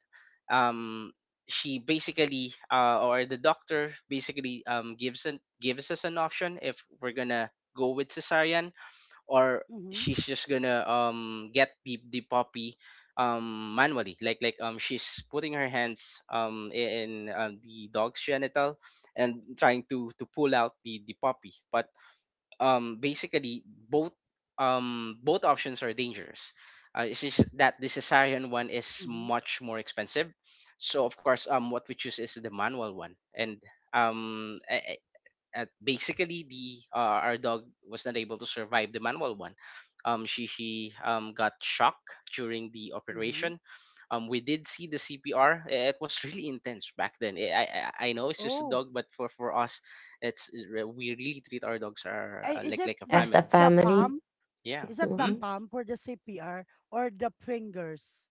Speaker 2: Um, she basically or the doctor basically gives gives us an option, if we're gonna go with cesarean, or
Speaker 1: Mm-hmm.
Speaker 2: she's just gonna get the puppy manually, like um, she's putting her hands in the dog's genital, and trying to pull out the puppy. But um, basically, both both options are dangerous. Uh, it's just that the cesarean one is
Speaker 1: Mm-hmm.
Speaker 2: much more expensive. So of course um, what we choose is the manual one. And um, at basically the our dog was not able to survive the manual one. She got shocked during the
Speaker 1: Mm-hmm.
Speaker 2: operation. We did see the CPR. It was really intense back then. I know it's just a
Speaker 1: Oh.
Speaker 2: dog, but for us, it's we really treat our dogs are
Speaker 1: Ay, is
Speaker 2: like
Speaker 1: it
Speaker 2: like a
Speaker 3: as a
Speaker 2: family.
Speaker 1: the
Speaker 3: family.
Speaker 1: palm?
Speaker 2: Yeah.
Speaker 1: Is that the
Speaker 2: Hmm?
Speaker 3: Mhm.
Speaker 1: palm for the CPR or the fingers?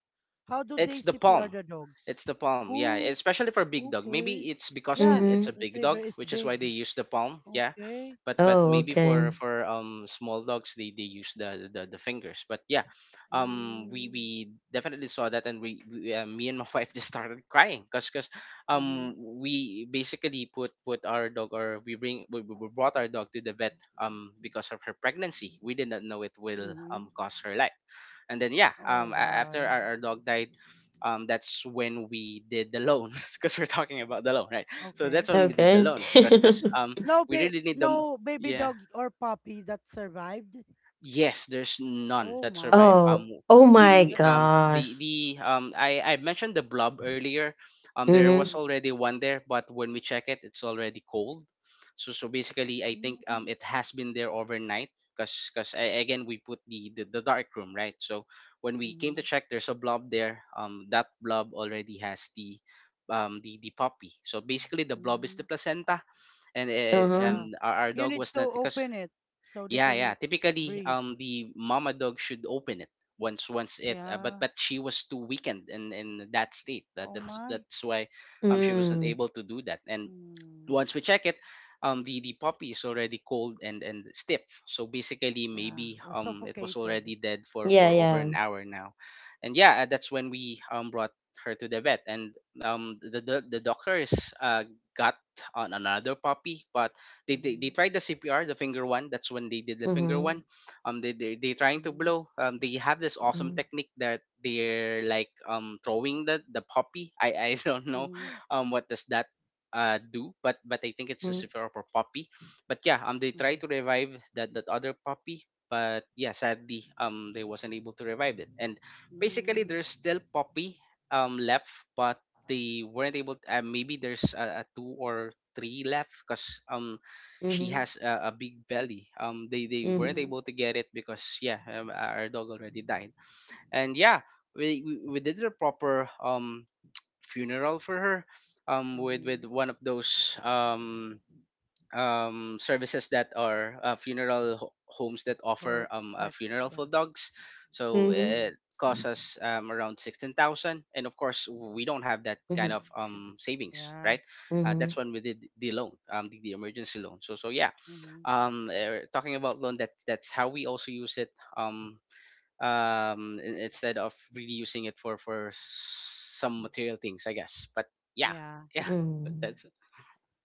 Speaker 1: How do they
Speaker 2: It's the
Speaker 1: CPR
Speaker 2: palm.
Speaker 1: the dogs?
Speaker 2: It's the palm. Yeah,
Speaker 1: Oh,
Speaker 2: especially for big dog. Maybe
Speaker 1: okay.
Speaker 2: it's because
Speaker 1: Yeah,
Speaker 2: it's a
Speaker 3: Mhm.
Speaker 2: big
Speaker 1: retriever
Speaker 2: dog,
Speaker 1: is
Speaker 2: which is why they
Speaker 1: big.
Speaker 2: use the palm. Yeah,
Speaker 1: Okay.
Speaker 2: but
Speaker 3: Oh,
Speaker 2: maybe for
Speaker 3: okay.
Speaker 2: for small dogs, they use the fingers. But yeah, we
Speaker 1: Mm.
Speaker 2: we definitely saw that, and we me and my wife just started crying because because
Speaker 1: Mm-hmm.
Speaker 2: um we basically put our dog or we brought our dog to the vet because of her pregnancy. We did not know it will
Speaker 1: Mm-hmm.
Speaker 2: cause her life, and then yeah,
Speaker 1: Oh,
Speaker 2: after
Speaker 1: why?
Speaker 2: our dog died, that's when we did the loan because we're talking about the loan, right? So
Speaker 1: Okay.
Speaker 2: that's when we did the
Speaker 3: Okay.
Speaker 2: loan because um
Speaker 1: No,
Speaker 2: we
Speaker 1: ba-
Speaker 2: really need the.
Speaker 1: no baby
Speaker 2: yeah.
Speaker 1: dog or puppy that survived.
Speaker 2: Yes, there's none
Speaker 1: Oh
Speaker 2: that survive.
Speaker 1: my.
Speaker 3: Oh, oh my
Speaker 2: We
Speaker 1: That's,
Speaker 3: gosh.
Speaker 2: the I mentioned the blob earlier. There was
Speaker 3: Mhm.
Speaker 1: mm,
Speaker 2: already one there, but when we check it, it's already cold. So so basically, I think
Speaker 1: mm,
Speaker 2: it has been there overnight because again we put the dark room, right. So when we came to
Speaker 1: mm,
Speaker 2: check, there's a blob there. That blob already has the the puppy. So basically, the blob is the
Speaker 1: mm.
Speaker 2: placenta, and
Speaker 3: Uh-huh.
Speaker 1: Yeah.
Speaker 2: our
Speaker 1: You
Speaker 2: dog
Speaker 1: need
Speaker 2: was
Speaker 1: to
Speaker 2: not, because
Speaker 1: open it so they
Speaker 2: yeah, yeah.
Speaker 1: can
Speaker 2: Typically,
Speaker 1: breathe.
Speaker 2: the mama dog should open it once it. Uh, but
Speaker 1: Yeah.
Speaker 2: but she was too weakened in that state.
Speaker 1: Oh my.
Speaker 2: That's why, she wasn't
Speaker 3: Mm.
Speaker 2: able to do that. And
Speaker 1: Mm,
Speaker 2: once we check it, the puppy is already cold and stiff. So basically,
Speaker 1: yeah.
Speaker 2: maybe
Speaker 1: Or
Speaker 2: it was
Speaker 1: suffocated.
Speaker 2: already dead
Speaker 3: Yeah,
Speaker 2: for over
Speaker 3: yeah.
Speaker 2: an hour now, and yeah, that's when we brought her to the vet, and the doctors got on another puppy, but they
Speaker 1: Mm-hmm,
Speaker 2: tried the CPR, the finger one. That's when they did the finger one.
Speaker 3: Mhm.
Speaker 2: They they trying to
Speaker 1: mm-hmm,
Speaker 2: blow. They have this awesome technique that they're like throwing the puppy. I don't know
Speaker 1: mm-hmm,
Speaker 2: what does that do, but I think it's
Speaker 3: Mhm.
Speaker 2: a
Speaker 3: Mhm.
Speaker 2: Sephiroth or puppy. But yeah, they
Speaker 1: mm-hmm,
Speaker 2: tried to revive that that other puppy, but yeah, sadly, they wasn't able to revive it. And basically,
Speaker 1: mm,
Speaker 2: there's still puppy left, but they weren't able to, maybe there's a two or three left because she has a big belly. They weren't
Speaker 3: Mhm.
Speaker 1: mm-hmm,
Speaker 2: able to get it because yeah, our dog already died. And yeah, we did the proper funeral for her um with
Speaker 1: mm-hmm.
Speaker 2: with one of those services that are funeral homes that offer
Speaker 1: Or
Speaker 2: a
Speaker 1: pets.
Speaker 2: funeral for
Speaker 1: Yeah.
Speaker 2: dogs, so
Speaker 3: Mhm.
Speaker 1: Mm-hmm.
Speaker 2: it cost us around 16,000, and of course we don't have that
Speaker 3: Mhm.
Speaker 2: kind of
Speaker 3: Mhm.
Speaker 2: savings,
Speaker 1: Yeah.
Speaker 2: right?
Speaker 3: Mhm.
Speaker 2: That's when we did the loan, the emergency loan. So so yeah,
Speaker 1: Mm-hmm.
Speaker 2: talking about loan, that's how we also use it, um instead of really using it for some material things, I guess. But yeah,
Speaker 1: Yeah.
Speaker 2: yeah,
Speaker 3: Mhm.
Speaker 2: that's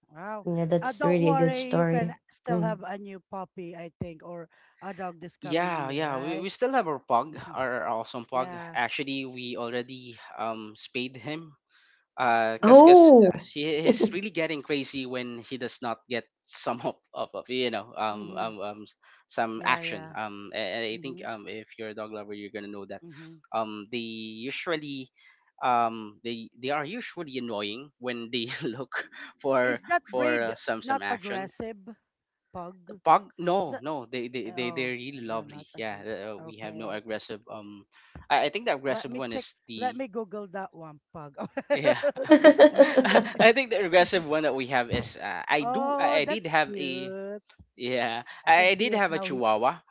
Speaker 1: Wow.
Speaker 3: Yeah, that's
Speaker 1: Don't
Speaker 3: really a good
Speaker 1: worry. You can
Speaker 3: story.
Speaker 1: still
Speaker 3: Mm.
Speaker 1: have a new puppy, I think, or a dog this coming year,
Speaker 2: yeah we
Speaker 1: right?
Speaker 2: still have our pug, our awesome pug.
Speaker 1: Yeah.
Speaker 2: Actually, we already spayed him because because uh, 'cause-
Speaker 1: Mhm.
Speaker 2: 'cause,
Speaker 3: Oh.
Speaker 2: uh, he he's really getting crazy when he does not get some of
Speaker 1: Mhm.
Speaker 2: some
Speaker 1: Yeah,
Speaker 2: action,
Speaker 1: yeah.
Speaker 2: and I think
Speaker 1: Mhm.
Speaker 2: if you're a dog lover, you're gonna know that
Speaker 1: Mhm.
Speaker 2: they usually they are usually annoying when they look for
Speaker 1: Is that
Speaker 2: for
Speaker 1: breed
Speaker 2: some
Speaker 1: not
Speaker 2: action.
Speaker 1: aggressive
Speaker 2: The
Speaker 1: pug?
Speaker 2: pug,
Speaker 1: Is
Speaker 2: no
Speaker 1: that
Speaker 2: no
Speaker 1: oh,
Speaker 2: they're really
Speaker 1: they're
Speaker 2: lovely,
Speaker 1: not
Speaker 2: yeah,
Speaker 1: aggressive.
Speaker 2: we have no
Speaker 1: Okay.
Speaker 2: aggressive I think the
Speaker 1: Let
Speaker 2: aggressive
Speaker 1: me
Speaker 2: one
Speaker 1: check.
Speaker 2: is
Speaker 1: Let
Speaker 2: the
Speaker 1: me Google that one pug.
Speaker 2: yeah
Speaker 1: okay.
Speaker 2: I think the regressive one that we have is
Speaker 1: Oh,
Speaker 2: I did
Speaker 1: that's
Speaker 2: have a
Speaker 1: cute.
Speaker 2: yeah
Speaker 1: I can
Speaker 2: I
Speaker 1: see
Speaker 2: did
Speaker 1: it
Speaker 2: have a
Speaker 1: now here.
Speaker 2: Chihuahua.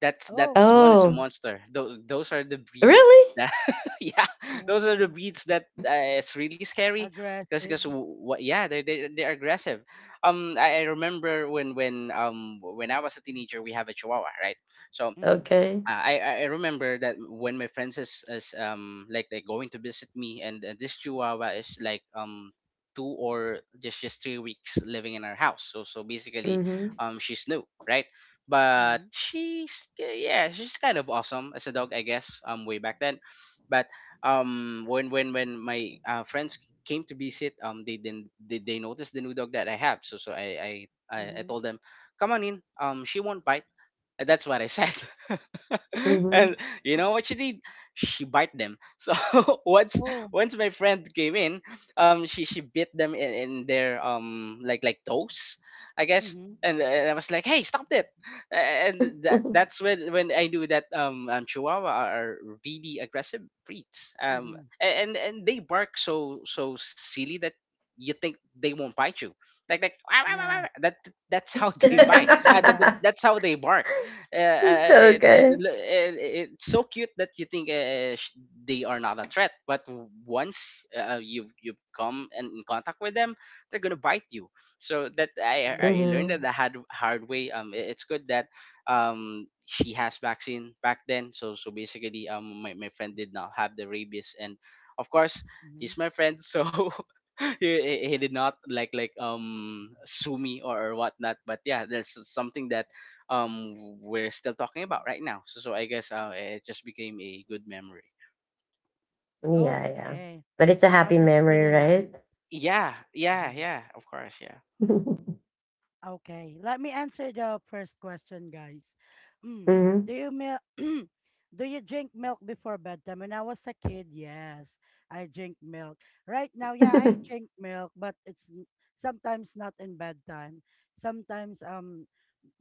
Speaker 1: Oh.
Speaker 2: That's one is a
Speaker 3: Oh,
Speaker 2: monster. Those are the breeds
Speaker 3: really?
Speaker 2: that yeah those are the
Speaker 1: Oh,
Speaker 2: breeds that
Speaker 3: Mm.
Speaker 2: it's really scary because
Speaker 1: aggressive.
Speaker 2: because what yeah they're aggressive. I remember when I was a teenager we have a Chihuahua, right. so.
Speaker 1: Mm.
Speaker 3: Okay.
Speaker 2: I, I I remember that when my friends is like they going to visit me, and this chihuahua is like two or just 3 weeks living in our house, so so basically
Speaker 3: Mhm.
Speaker 2: she's new, right? But
Speaker 1: Mhm.
Speaker 2: she's yeah she's kind of awesome as a dog, I guess, way back then. But when my friends came to visit they then they noticed the new dog that I have, so I
Speaker 1: Mhm.
Speaker 2: told them come on in, she won't bite, and that's what I said.
Speaker 3: Mhm.
Speaker 2: And you know what she did? She bite them. So once
Speaker 1: oh.
Speaker 2: once my friend came in, she bit them in their like toes, I guess.
Speaker 1: Mhm.
Speaker 2: And I was like, "Hey, stop it!" And that's when I knew that Chihuahua are really aggressive breeds.
Speaker 1: Mhm.
Speaker 2: And they bark so so silly that you think they won't bite you. Like, "Wah, wah, wah, wah,
Speaker 1: Yeah.
Speaker 2: wah." That's how they
Speaker 1: They're
Speaker 2: bite.
Speaker 1: noisy, yeah.
Speaker 2: That's how they bark,
Speaker 3: Okay.
Speaker 2: it's so cute that you think they are not a threat, but once you've come and in contact with them, they're gonna bite you. So that I
Speaker 1: Mhm.
Speaker 2: learned that
Speaker 3: Mhm.
Speaker 2: the hard way. Um, I- it's good that she has vaccine back then, so so basically my friend did not have the rabies, and of course
Speaker 1: Mhm.
Speaker 2: he's my friend, so he did not like sue me or whatnot, but yeah that's something that we're still talking about right now. So so I guess it just became a good memory.
Speaker 3: Yeah,
Speaker 1: Oh,
Speaker 3: yeah.
Speaker 1: okay.
Speaker 3: But it's a
Speaker 1: Wow,
Speaker 3: happy
Speaker 1: that's
Speaker 3: memory,
Speaker 1: really nice.
Speaker 3: right?
Speaker 2: Yeah, yeah,
Speaker 1: Mhm.
Speaker 2: yeah. Of course, yeah,
Speaker 1: Okay, let me answer the first question, guys. Mm,
Speaker 3: Mhm.
Speaker 1: do you mil do you drink milk before bedtime? When I was a kid, yes, I drink milk. Right now, yeah, I drink milk, but it's n- sometimes not in bedtime. Sometimes um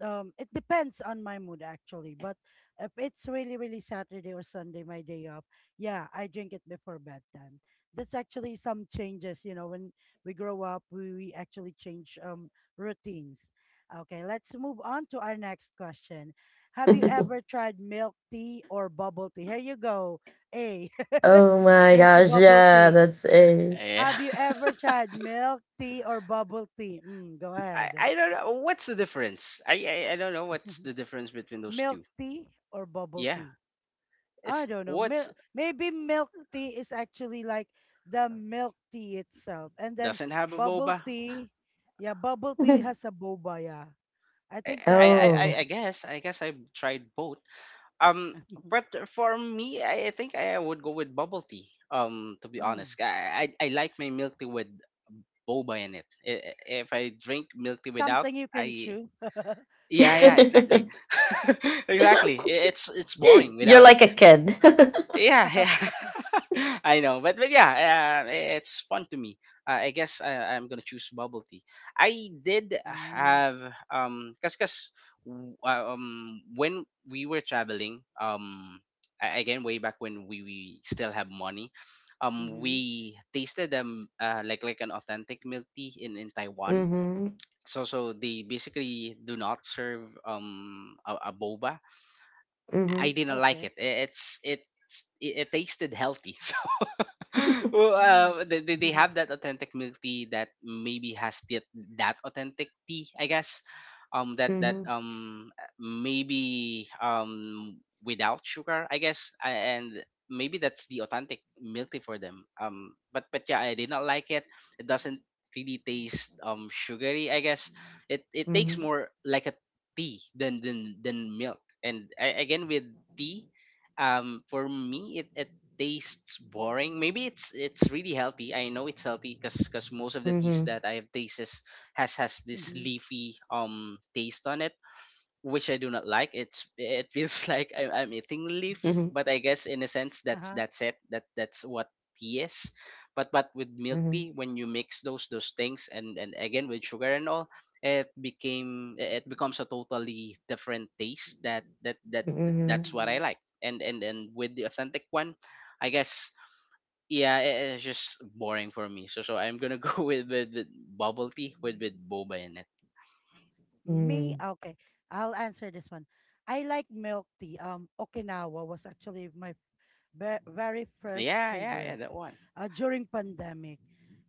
Speaker 1: um it depends on my mood actually, but if it's really really Saturday or Sunday my day off, yeah I drink it before bedtime. That's actually some changes, you know, when we grow up we actually change routines. Okay, let's move on to our next question. Have you ever tried milk tea or bubble tea? Here you go, A.
Speaker 3: Oh my
Speaker 1: There's the
Speaker 3: gosh,
Speaker 1: bubble
Speaker 3: yeah,
Speaker 1: tea.
Speaker 3: that's a.
Speaker 2: yeah.
Speaker 1: Have you ever tried milk tea or bubble tea? Mm, go
Speaker 2: I
Speaker 1: ahead.
Speaker 2: I don't know what's the difference. I don't know what's the difference between those
Speaker 1: Milk
Speaker 2: two.
Speaker 1: tea or bubble
Speaker 2: Yeah,
Speaker 1: tea. I
Speaker 2: it's
Speaker 1: don't know.
Speaker 2: what's
Speaker 1: Mil- maybe milk tea is actually like the milk tea itself. And then
Speaker 2: doesn't have a
Speaker 1: bubble
Speaker 2: boba.
Speaker 1: tea, yeah, bubble tea has a boba, yeah. I think that's it.
Speaker 3: Oh.
Speaker 2: I guess I've tried both. Um, but for me, I think I would go with bubble tea. To be
Speaker 1: mm.
Speaker 2: honest, I like my milk tea with boba in it. If I drink milk tea without,
Speaker 1: Something you can
Speaker 2: I
Speaker 1: chew.
Speaker 2: yeah,
Speaker 1: yeah.
Speaker 2: yeah, exactly. Exactly. It's boring
Speaker 3: You're
Speaker 2: without it.
Speaker 3: like a kid.
Speaker 2: Yeah, yeah. I know, but yeah, it's fun to me. I guess I'm gonna choose bubble tea. I did
Speaker 1: Mm.
Speaker 2: have um, cause cause when we were traveling again way back when we still have money,
Speaker 1: Mm-hmm.
Speaker 2: we tasted like an authentic milk tea in Taiwan,
Speaker 3: Mm-hmm.
Speaker 2: so so they basically do not serve a boba.
Speaker 3: Mm-hmm.
Speaker 2: I didn't like
Speaker 1: Okay.
Speaker 2: it. It's it tasted healthy well,
Speaker 1: Mm.
Speaker 2: they have that authentic milk tea that maybe has that that authentic tea, I guess. That
Speaker 3: Mm-hmm.
Speaker 2: that maybe without sugar, I guess, and maybe that's the authentic milk tea for them. But yeah, I did not like it. It doesn't really taste sugary. I guess it takes
Speaker 1: Mm-hmm.
Speaker 3: Mm-hmm.
Speaker 2: more like a tea than milk. And I, again with tea, for me it tastes boring. Maybe it's really healthy. I know it's healthy because most of the teas
Speaker 3: Mm-hmm.
Speaker 2: that I have tastes has this
Speaker 1: Mm-hmm.
Speaker 2: leafy taste on it, which I do not like. It's it feels like I'm eating leaf,
Speaker 3: Mhm.
Speaker 2: but I guess in a sense
Speaker 1: Uh-huh.
Speaker 2: that's it. That's what tea is. But with milk
Speaker 3: Mm-hmm.
Speaker 2: tea, when you mix those things and again with sugar and all, it becomes a totally different taste.
Speaker 3: Mm-hmm.
Speaker 2: That's
Speaker 1: Mm-hmm.
Speaker 2: what I like. And with the authentic one, I guess yeah, it's just boring for me. So so I'm gonna go with with bubble tea with boba in it.
Speaker 1: Me?
Speaker 3: Mm-hmm.
Speaker 1: Okay. I'll answer this one. I like milk tea. Okinawa was actually my ve- very first
Speaker 2: Yeah, yeah
Speaker 1: favorite
Speaker 2: that one.
Speaker 1: during pandemic.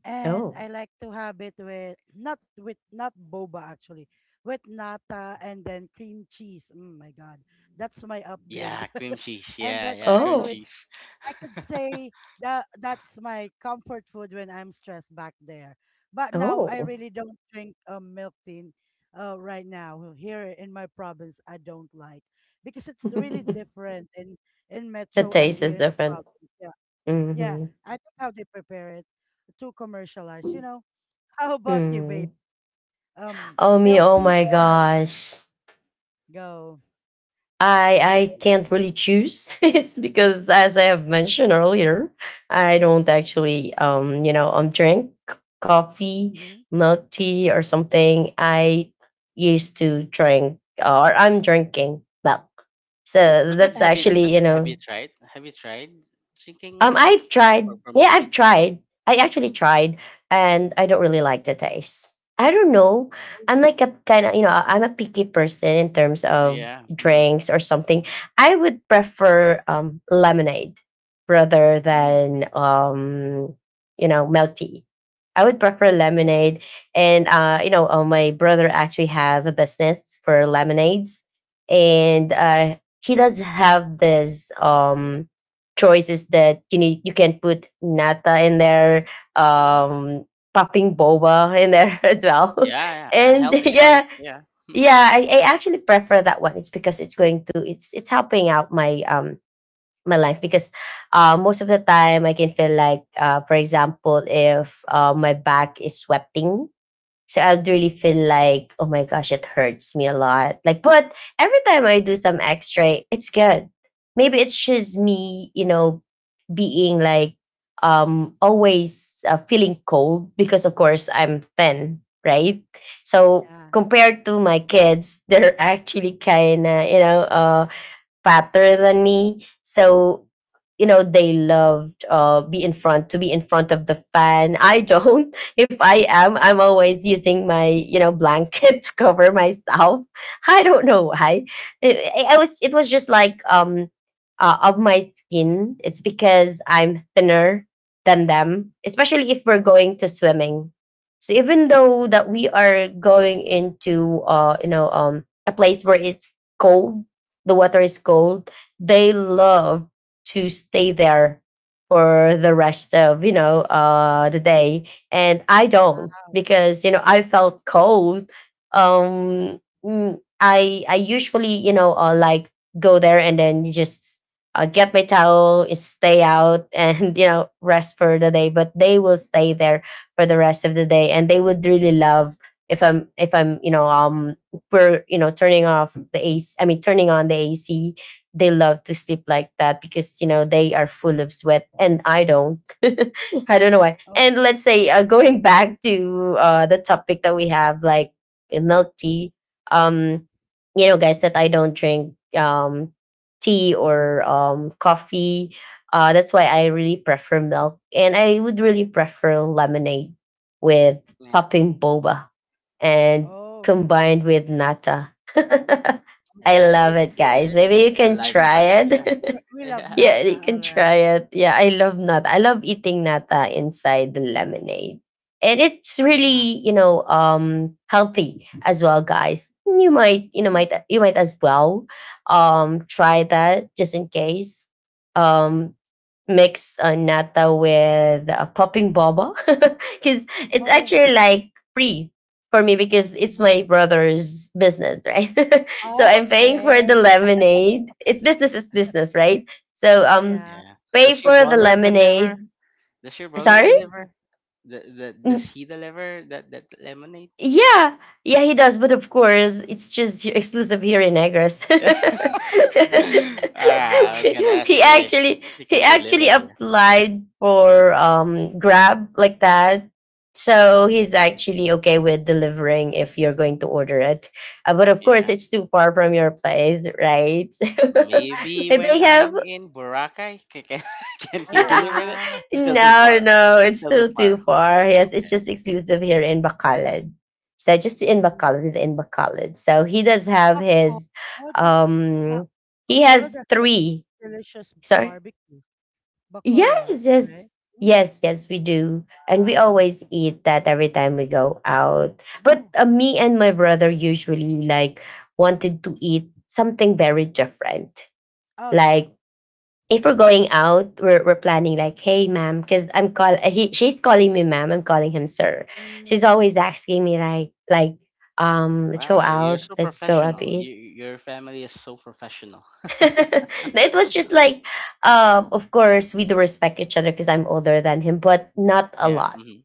Speaker 1: And
Speaker 3: Oh.
Speaker 1: I like to have it with not boba actually, with nata and then cream cheese. Oh my God, that's my upgrade.
Speaker 2: Yeah, cream cheese.
Speaker 1: and
Speaker 2: Yeah,
Speaker 1: that's
Speaker 2: yeah, cream
Speaker 3: Oh,
Speaker 1: actually
Speaker 2: cheese.
Speaker 1: I could say that that's my comfort food when I'm stressed back there. But now I
Speaker 3: oh.
Speaker 1: really don't drink milk tea right now here in my province. I don't like because it's really
Speaker 3: The
Speaker 1: different in metro and
Speaker 3: taste
Speaker 1: here
Speaker 3: is
Speaker 1: in the
Speaker 3: different.
Speaker 1: province. Yeah, yeah.
Speaker 3: Mm-hmm.
Speaker 1: I think how they prepare it to commercialize. You know, how about you,
Speaker 3: Mm.
Speaker 1: babe?
Speaker 3: Oh me,
Speaker 1: Milk
Speaker 3: oh
Speaker 1: tea
Speaker 3: my
Speaker 1: or
Speaker 3: gosh.
Speaker 1: go?
Speaker 3: I
Speaker 1: Okay.
Speaker 3: can't really choose. It's because as I have mentioned earlier, I don't actually drink coffee,
Speaker 1: Mm-hmm.
Speaker 3: milk tea, or something. I used to drink or I'm drinking milk. So
Speaker 2: but but
Speaker 3: that's
Speaker 2: have
Speaker 1: Mm-hmm.
Speaker 2: you
Speaker 3: actually
Speaker 2: but, but have you tried? Have you tried drinking one
Speaker 3: I tried.
Speaker 2: or from
Speaker 3: Yeah,
Speaker 2: milk
Speaker 3: I've
Speaker 2: tea? Yeah,
Speaker 3: tried. I actually tried, and I don't really like the taste. I don't know. I'm like a kind of I'm a picky person in terms of
Speaker 2: yeah, mm-hmm.
Speaker 3: drinks or something. I would prefer lemonade rather
Speaker 1: Mm-hmm.
Speaker 3: than milk tea. I would prefer
Speaker 1: Okay.
Speaker 3: lemonade, and my brother actually have a business for lemonades, and he does have this.
Speaker 2: Yeah,
Speaker 3: Choices that you need, you can put nata in there,
Speaker 1: Mm-hmm.
Speaker 3: um popping boba in there as well.
Speaker 2: yeah, yeah. A
Speaker 3: And
Speaker 2: healthy choice.
Speaker 3: yeah,
Speaker 2: Yeah,
Speaker 3: yeah, I actually prefer that one. It's because it's going to it's helping out my lungs because most of the time I can feel like, for example if my back is sweating, so I'd
Speaker 1: Mm-hmm.
Speaker 3: really feel like, oh my gosh, it hurts me a lot. Like, but every time I do some x-ray, it's good. Maybe it's just me being like always feeling cold because of course I'm thin, right? So
Speaker 1: Yeah.
Speaker 3: compared to my kids, they're actually kind of fatter than me. So they loved be in front of the fan. I don't. If I am, I'm always using my blanket to cover myself. I don't know
Speaker 1: Mm-hmm.
Speaker 3: why. It was just like of my skin. It's because I'm thinner than them, especially if we're going to swimming. So even though that we are going into a place where it's cold, the water is cold, they love to stay there for the rest of the day, and I
Speaker 1: Wow.
Speaker 3: don't because I felt cold. I usually like go there and then just get my towel, and stay out, and rest for the day. But they will stay there for the rest of the day, and they would really love if I'm we're you know turning off the AC. I mean, turning on the AC. They love to sleep like that because you know they are full of sweat, and I don't. I don't know why.
Speaker 1: Oh.
Speaker 3: And let's say going back to the topic that we have, like milk tea. Um, you know, guys, that I don't drink tea or coffee. That's why I
Speaker 1: hmm
Speaker 3: really prefer milk, and I would really prefer lemonade with
Speaker 2: yeah,
Speaker 3: popping boba and
Speaker 1: Oh.
Speaker 3: combined with nata. I
Speaker 2: yeah. I
Speaker 3: love
Speaker 2: think
Speaker 3: it,
Speaker 2: yeah,
Speaker 3: guys.
Speaker 2: I think
Speaker 3: Maybe you
Speaker 2: it's the
Speaker 3: can
Speaker 1: we're just
Speaker 3: try
Speaker 2: lifestyle.
Speaker 3: it.
Speaker 2: Yeah,
Speaker 1: we, we love
Speaker 2: yeah,
Speaker 3: Yeah,
Speaker 1: nata.
Speaker 3: you can
Speaker 1: All
Speaker 3: try
Speaker 1: right.
Speaker 3: it. Yeah, I love nata. I love eating nata inside the lemonade. And it's
Speaker 1: Wow.
Speaker 3: really, you know, healthy as well, guys. You might,
Speaker 1: Mm.
Speaker 3: you might as well try that just in case. Um mix nata with popping boba because it's
Speaker 1: Oh.
Speaker 3: actually like free for me because it's
Speaker 1: uh-huh.
Speaker 3: my brother's business, right? So I'm paying for
Speaker 1: Okay.
Speaker 3: the lemonade. It's business is business, right? So
Speaker 1: Oh yeah.
Speaker 2: yeah.
Speaker 3: pay
Speaker 2: Does your
Speaker 3: for the
Speaker 2: brother
Speaker 3: lemonade.
Speaker 2: deliver? Does your brother
Speaker 3: Sorry.
Speaker 2: deliver? Does
Speaker 3: Mm,
Speaker 2: he deliver that that lemonade?
Speaker 3: yeah, yeah, he does. But of course, it's just exclusive here in Negros.
Speaker 1: Mm,
Speaker 2: Alright, I
Speaker 1: wow.
Speaker 2: was gonna ask
Speaker 3: He
Speaker 2: you if he,
Speaker 3: actually,
Speaker 2: he
Speaker 3: he
Speaker 2: can
Speaker 3: actually
Speaker 2: deliver here.
Speaker 3: applied for Grab like that. So
Speaker 1: hmm
Speaker 3: he's actually okay with delivering if you're going to order it. But of course,
Speaker 2: Yeah.
Speaker 3: it's too far from your place, right?
Speaker 2: Maybe
Speaker 3: and they
Speaker 2: when
Speaker 3: have.
Speaker 2: I'm in Boracay, can he
Speaker 1: Oh
Speaker 2: deliver it?
Speaker 1: wow.
Speaker 2: Still too
Speaker 3: No,
Speaker 2: far.
Speaker 3: no, it's
Speaker 2: Still too
Speaker 3: still too
Speaker 2: far.
Speaker 3: far.
Speaker 2: Oh,
Speaker 3: Yes, it's
Speaker 2: okay,
Speaker 3: just
Speaker 2: okay.
Speaker 3: exclusive here in Bacolod. So just in
Speaker 1: Mm.
Speaker 3: Bacolod, in Bacolod. So he does have his,
Speaker 1: Bacolod. Wow.
Speaker 3: um, he
Speaker 1: Bacolod
Speaker 3: has
Speaker 1: has a
Speaker 3: three.
Speaker 1: delicious
Speaker 3: Sorry.
Speaker 1: barbecue. Bacolod,
Speaker 3: Yes, yes,
Speaker 1: right? Mm.
Speaker 3: yes, yes. We do, and we
Speaker 1: Wow.
Speaker 3: always eat that every time we go out. But
Speaker 1: Mm.
Speaker 3: me and my brother usually like wanted to eat something very different,
Speaker 1: Oh yeah.
Speaker 3: like if we're going out, we're planning like, hey, ma'am, because I'm call he she's calling me ma'am, I'm calling him sir. She's
Speaker 1: Mm.
Speaker 3: always asking me like
Speaker 2: Wow, you're so
Speaker 3: let's go out to
Speaker 2: professional.
Speaker 3: eat.
Speaker 2: Your family is so professional.
Speaker 3: It was just like of course we do respect each other because I'm older than him, but not a
Speaker 2: Yeah.
Speaker 3: lot
Speaker 2: Mm-hmm.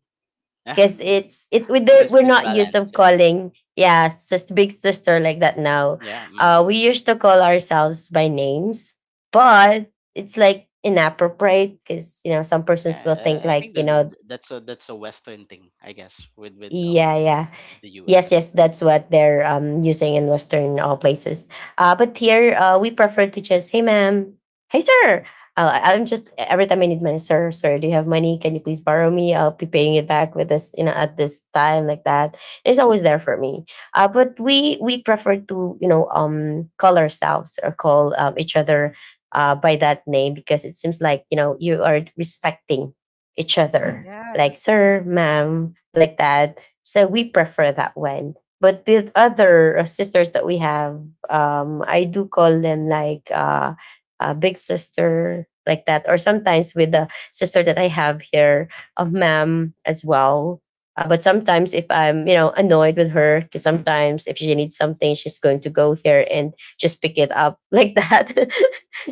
Speaker 2: Yeah.
Speaker 3: because
Speaker 1: Mm.
Speaker 3: it's it we don't,
Speaker 2: Just,
Speaker 3: we're
Speaker 2: just
Speaker 3: not used
Speaker 2: balance.
Speaker 3: to
Speaker 2: Yeah.
Speaker 3: calling yeah sis, big sister like that now.
Speaker 2: Yeah. Mm-hmm.
Speaker 3: We used to call ourselves by names but it's like inappropriate because you know some persons
Speaker 2: Yeah.
Speaker 3: will think
Speaker 2: I
Speaker 3: like
Speaker 2: think
Speaker 3: you
Speaker 2: that
Speaker 3: know.
Speaker 2: that- that's a that's a Western thing, I guess, with with
Speaker 3: Yeah,
Speaker 2: um
Speaker 3: yeah.
Speaker 2: the U.S.
Speaker 3: Yes,
Speaker 2: and all.
Speaker 3: yes, that's what they're using in Western places. But
Speaker 2: Mhm.
Speaker 3: here, we prefer to just, hey, ma'am, hey, sir. I'm just every time I need money, sir, sir. Do you have money? Can you please borrow me? I'll be paying it back with this, you know, at this time like that. It's always there for me. But we prefer to, you know, call ourselves or call each other by that name because it seems like you know you are respecting each other,
Speaker 1: Yeah,
Speaker 3: like
Speaker 1: that's true.
Speaker 3: sir, ma'am, like that, so we prefer that one. But with other sisters that we have, I do call them like a big sister, like that. Or sometimes with the sister that I have here, a ma'am as well. But sometimes if I'm, you know, annoyed with her, because sometimes if she needs something, she's going to go here and just pick it up like that.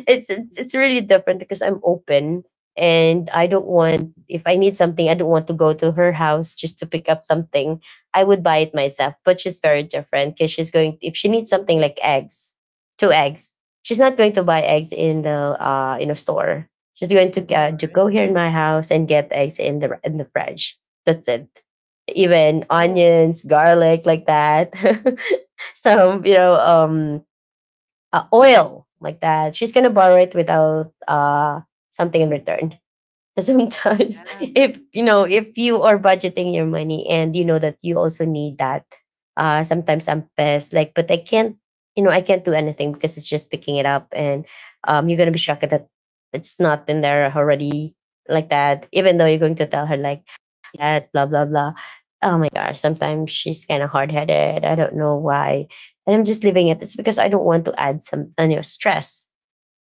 Speaker 3: it's really different because I'm open and I don't want if I need something, I don't want to go to her house just to pick up something. I would buy it myself, but she's very different because she's going if she needs something
Speaker 1: Mm,
Speaker 3: like eggs, two eggs, she's not going to buy eggs in the in a store. She's going
Speaker 1: all
Speaker 3: to
Speaker 1: right.
Speaker 3: go here in my house and get eggs in the fridge. That's it. Even
Speaker 1: Oh,
Speaker 3: onions, garlic, like that. Some you know
Speaker 1: Mm-hmm.
Speaker 3: oil like that. She's gonna borrow it without something in return sometimes.
Speaker 1: yeah.
Speaker 3: If you know if you are budgeting your money and you know that you also need that, sometimes I'm pissed like, but I can't, you know, I can't do anything because it's just picking it up. And you're gonna be shocked that it's not in there already like that, even though you're going to tell her like that, blah blah blah. Oh my gosh, sometimes she's kind of hard-headed, I don't know why, and I'm just leaving it. It's because I don't want to add some, you know, stress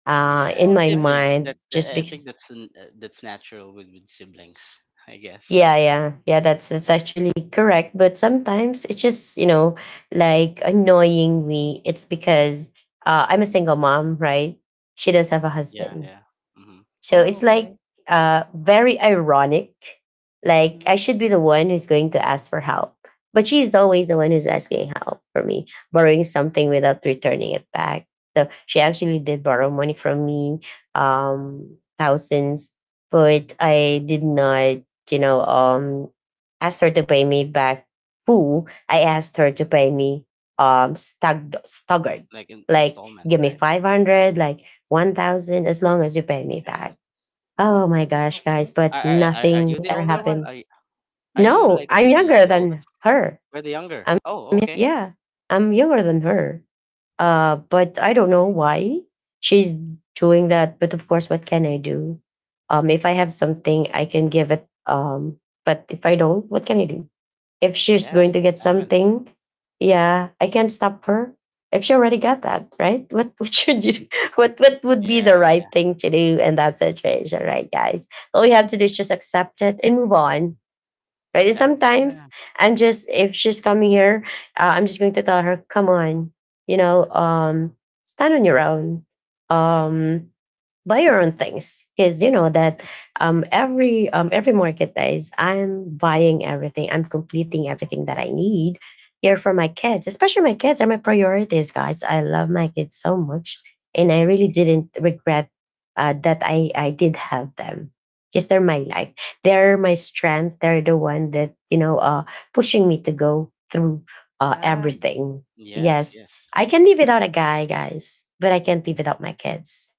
Speaker 2: Yeah,
Speaker 3: in
Speaker 1: All
Speaker 3: my
Speaker 1: right.
Speaker 2: siblings.
Speaker 3: mind
Speaker 2: That
Speaker 3: just
Speaker 2: I think
Speaker 3: because.
Speaker 2: that's natural with siblings, I guess.
Speaker 3: Yeah, yeah, yeah. That's actually correct. But sometimes it's just you know like annoying me. It's because I'm a single mom, right? She does have a
Speaker 2: Yeah.
Speaker 3: husband,
Speaker 2: Yeah. Mm-hmm.
Speaker 3: so
Speaker 1: Oh,
Speaker 3: it's like
Speaker 1: okay.
Speaker 3: very ironic. Like I
Speaker 1: Mm-hmm.
Speaker 3: should be the one who's going to ask for help, but she's always the one who's asking help for me, borrowing something without returning it back. So she actually did borrow money from me, thousands, but I did not, you know, ask her to pay me back full. I asked her to pay me staggered,
Speaker 2: Like
Speaker 3: like
Speaker 2: installment,
Speaker 3: give me
Speaker 2: right?
Speaker 3: 500, like 1,000, as long as you pay me
Speaker 2: Yeah.
Speaker 3: back.
Speaker 2: Mm-hmm.
Speaker 3: Oh my
Speaker 1: mm
Speaker 3: gosh, guys,
Speaker 1: Okay.
Speaker 3: but
Speaker 2: Are
Speaker 3: nothing
Speaker 2: you the
Speaker 3: ever
Speaker 2: older one?
Speaker 3: happened.
Speaker 2: Are you
Speaker 3: No,
Speaker 2: like
Speaker 3: I'm
Speaker 2: the, the
Speaker 3: younger
Speaker 2: the
Speaker 3: than
Speaker 2: oldest?
Speaker 3: her.
Speaker 2: We're the younger.
Speaker 3: I'm
Speaker 2: Oh, okay.
Speaker 3: yeah, I'm younger than her. But I don't know
Speaker 1: Okay.
Speaker 3: why she's doing that. But of course, what can I do? If I have something, I can give it. But if I don't, what can I do? If she's
Speaker 2: Yeah,
Speaker 3: going to get
Speaker 2: family.
Speaker 3: something,
Speaker 2: Mm.
Speaker 3: yeah, I can't stop her. If she already got that, right? What what should you do? What would be the
Speaker 2: Yeah, yeah,
Speaker 3: right
Speaker 2: yeah,
Speaker 3: thing to do in that situation, right, guys? All you have to do is
Speaker 2: yeah.
Speaker 3: just accept it and move on. Right? And
Speaker 1: mm
Speaker 2: Exactly.
Speaker 3: sometimes
Speaker 1: Yeah.
Speaker 3: I'm just if she's coming here, I'm just going to tell her, come on, you know, stand on your own. Um, buy your own things because you know that every market days I'm buying everything, I'm completing everything that I
Speaker 1: Okay.
Speaker 3: need here for my kids. Especially my kids are my priorities, guys. I love my kids so much, and I really didn't regret that i
Speaker 1: Mm-hmm.
Speaker 3: i did have them because they're my life, they're my strength, they're the one that you know pushing me to go through
Speaker 1: Yeah.
Speaker 3: everything.
Speaker 2: Yes,
Speaker 3: Yes,
Speaker 2: yes. I
Speaker 3: I can
Speaker 2: I
Speaker 3: live
Speaker 2: feel
Speaker 3: without
Speaker 2: it.
Speaker 3: a guy, guys, but I can't live without my kids.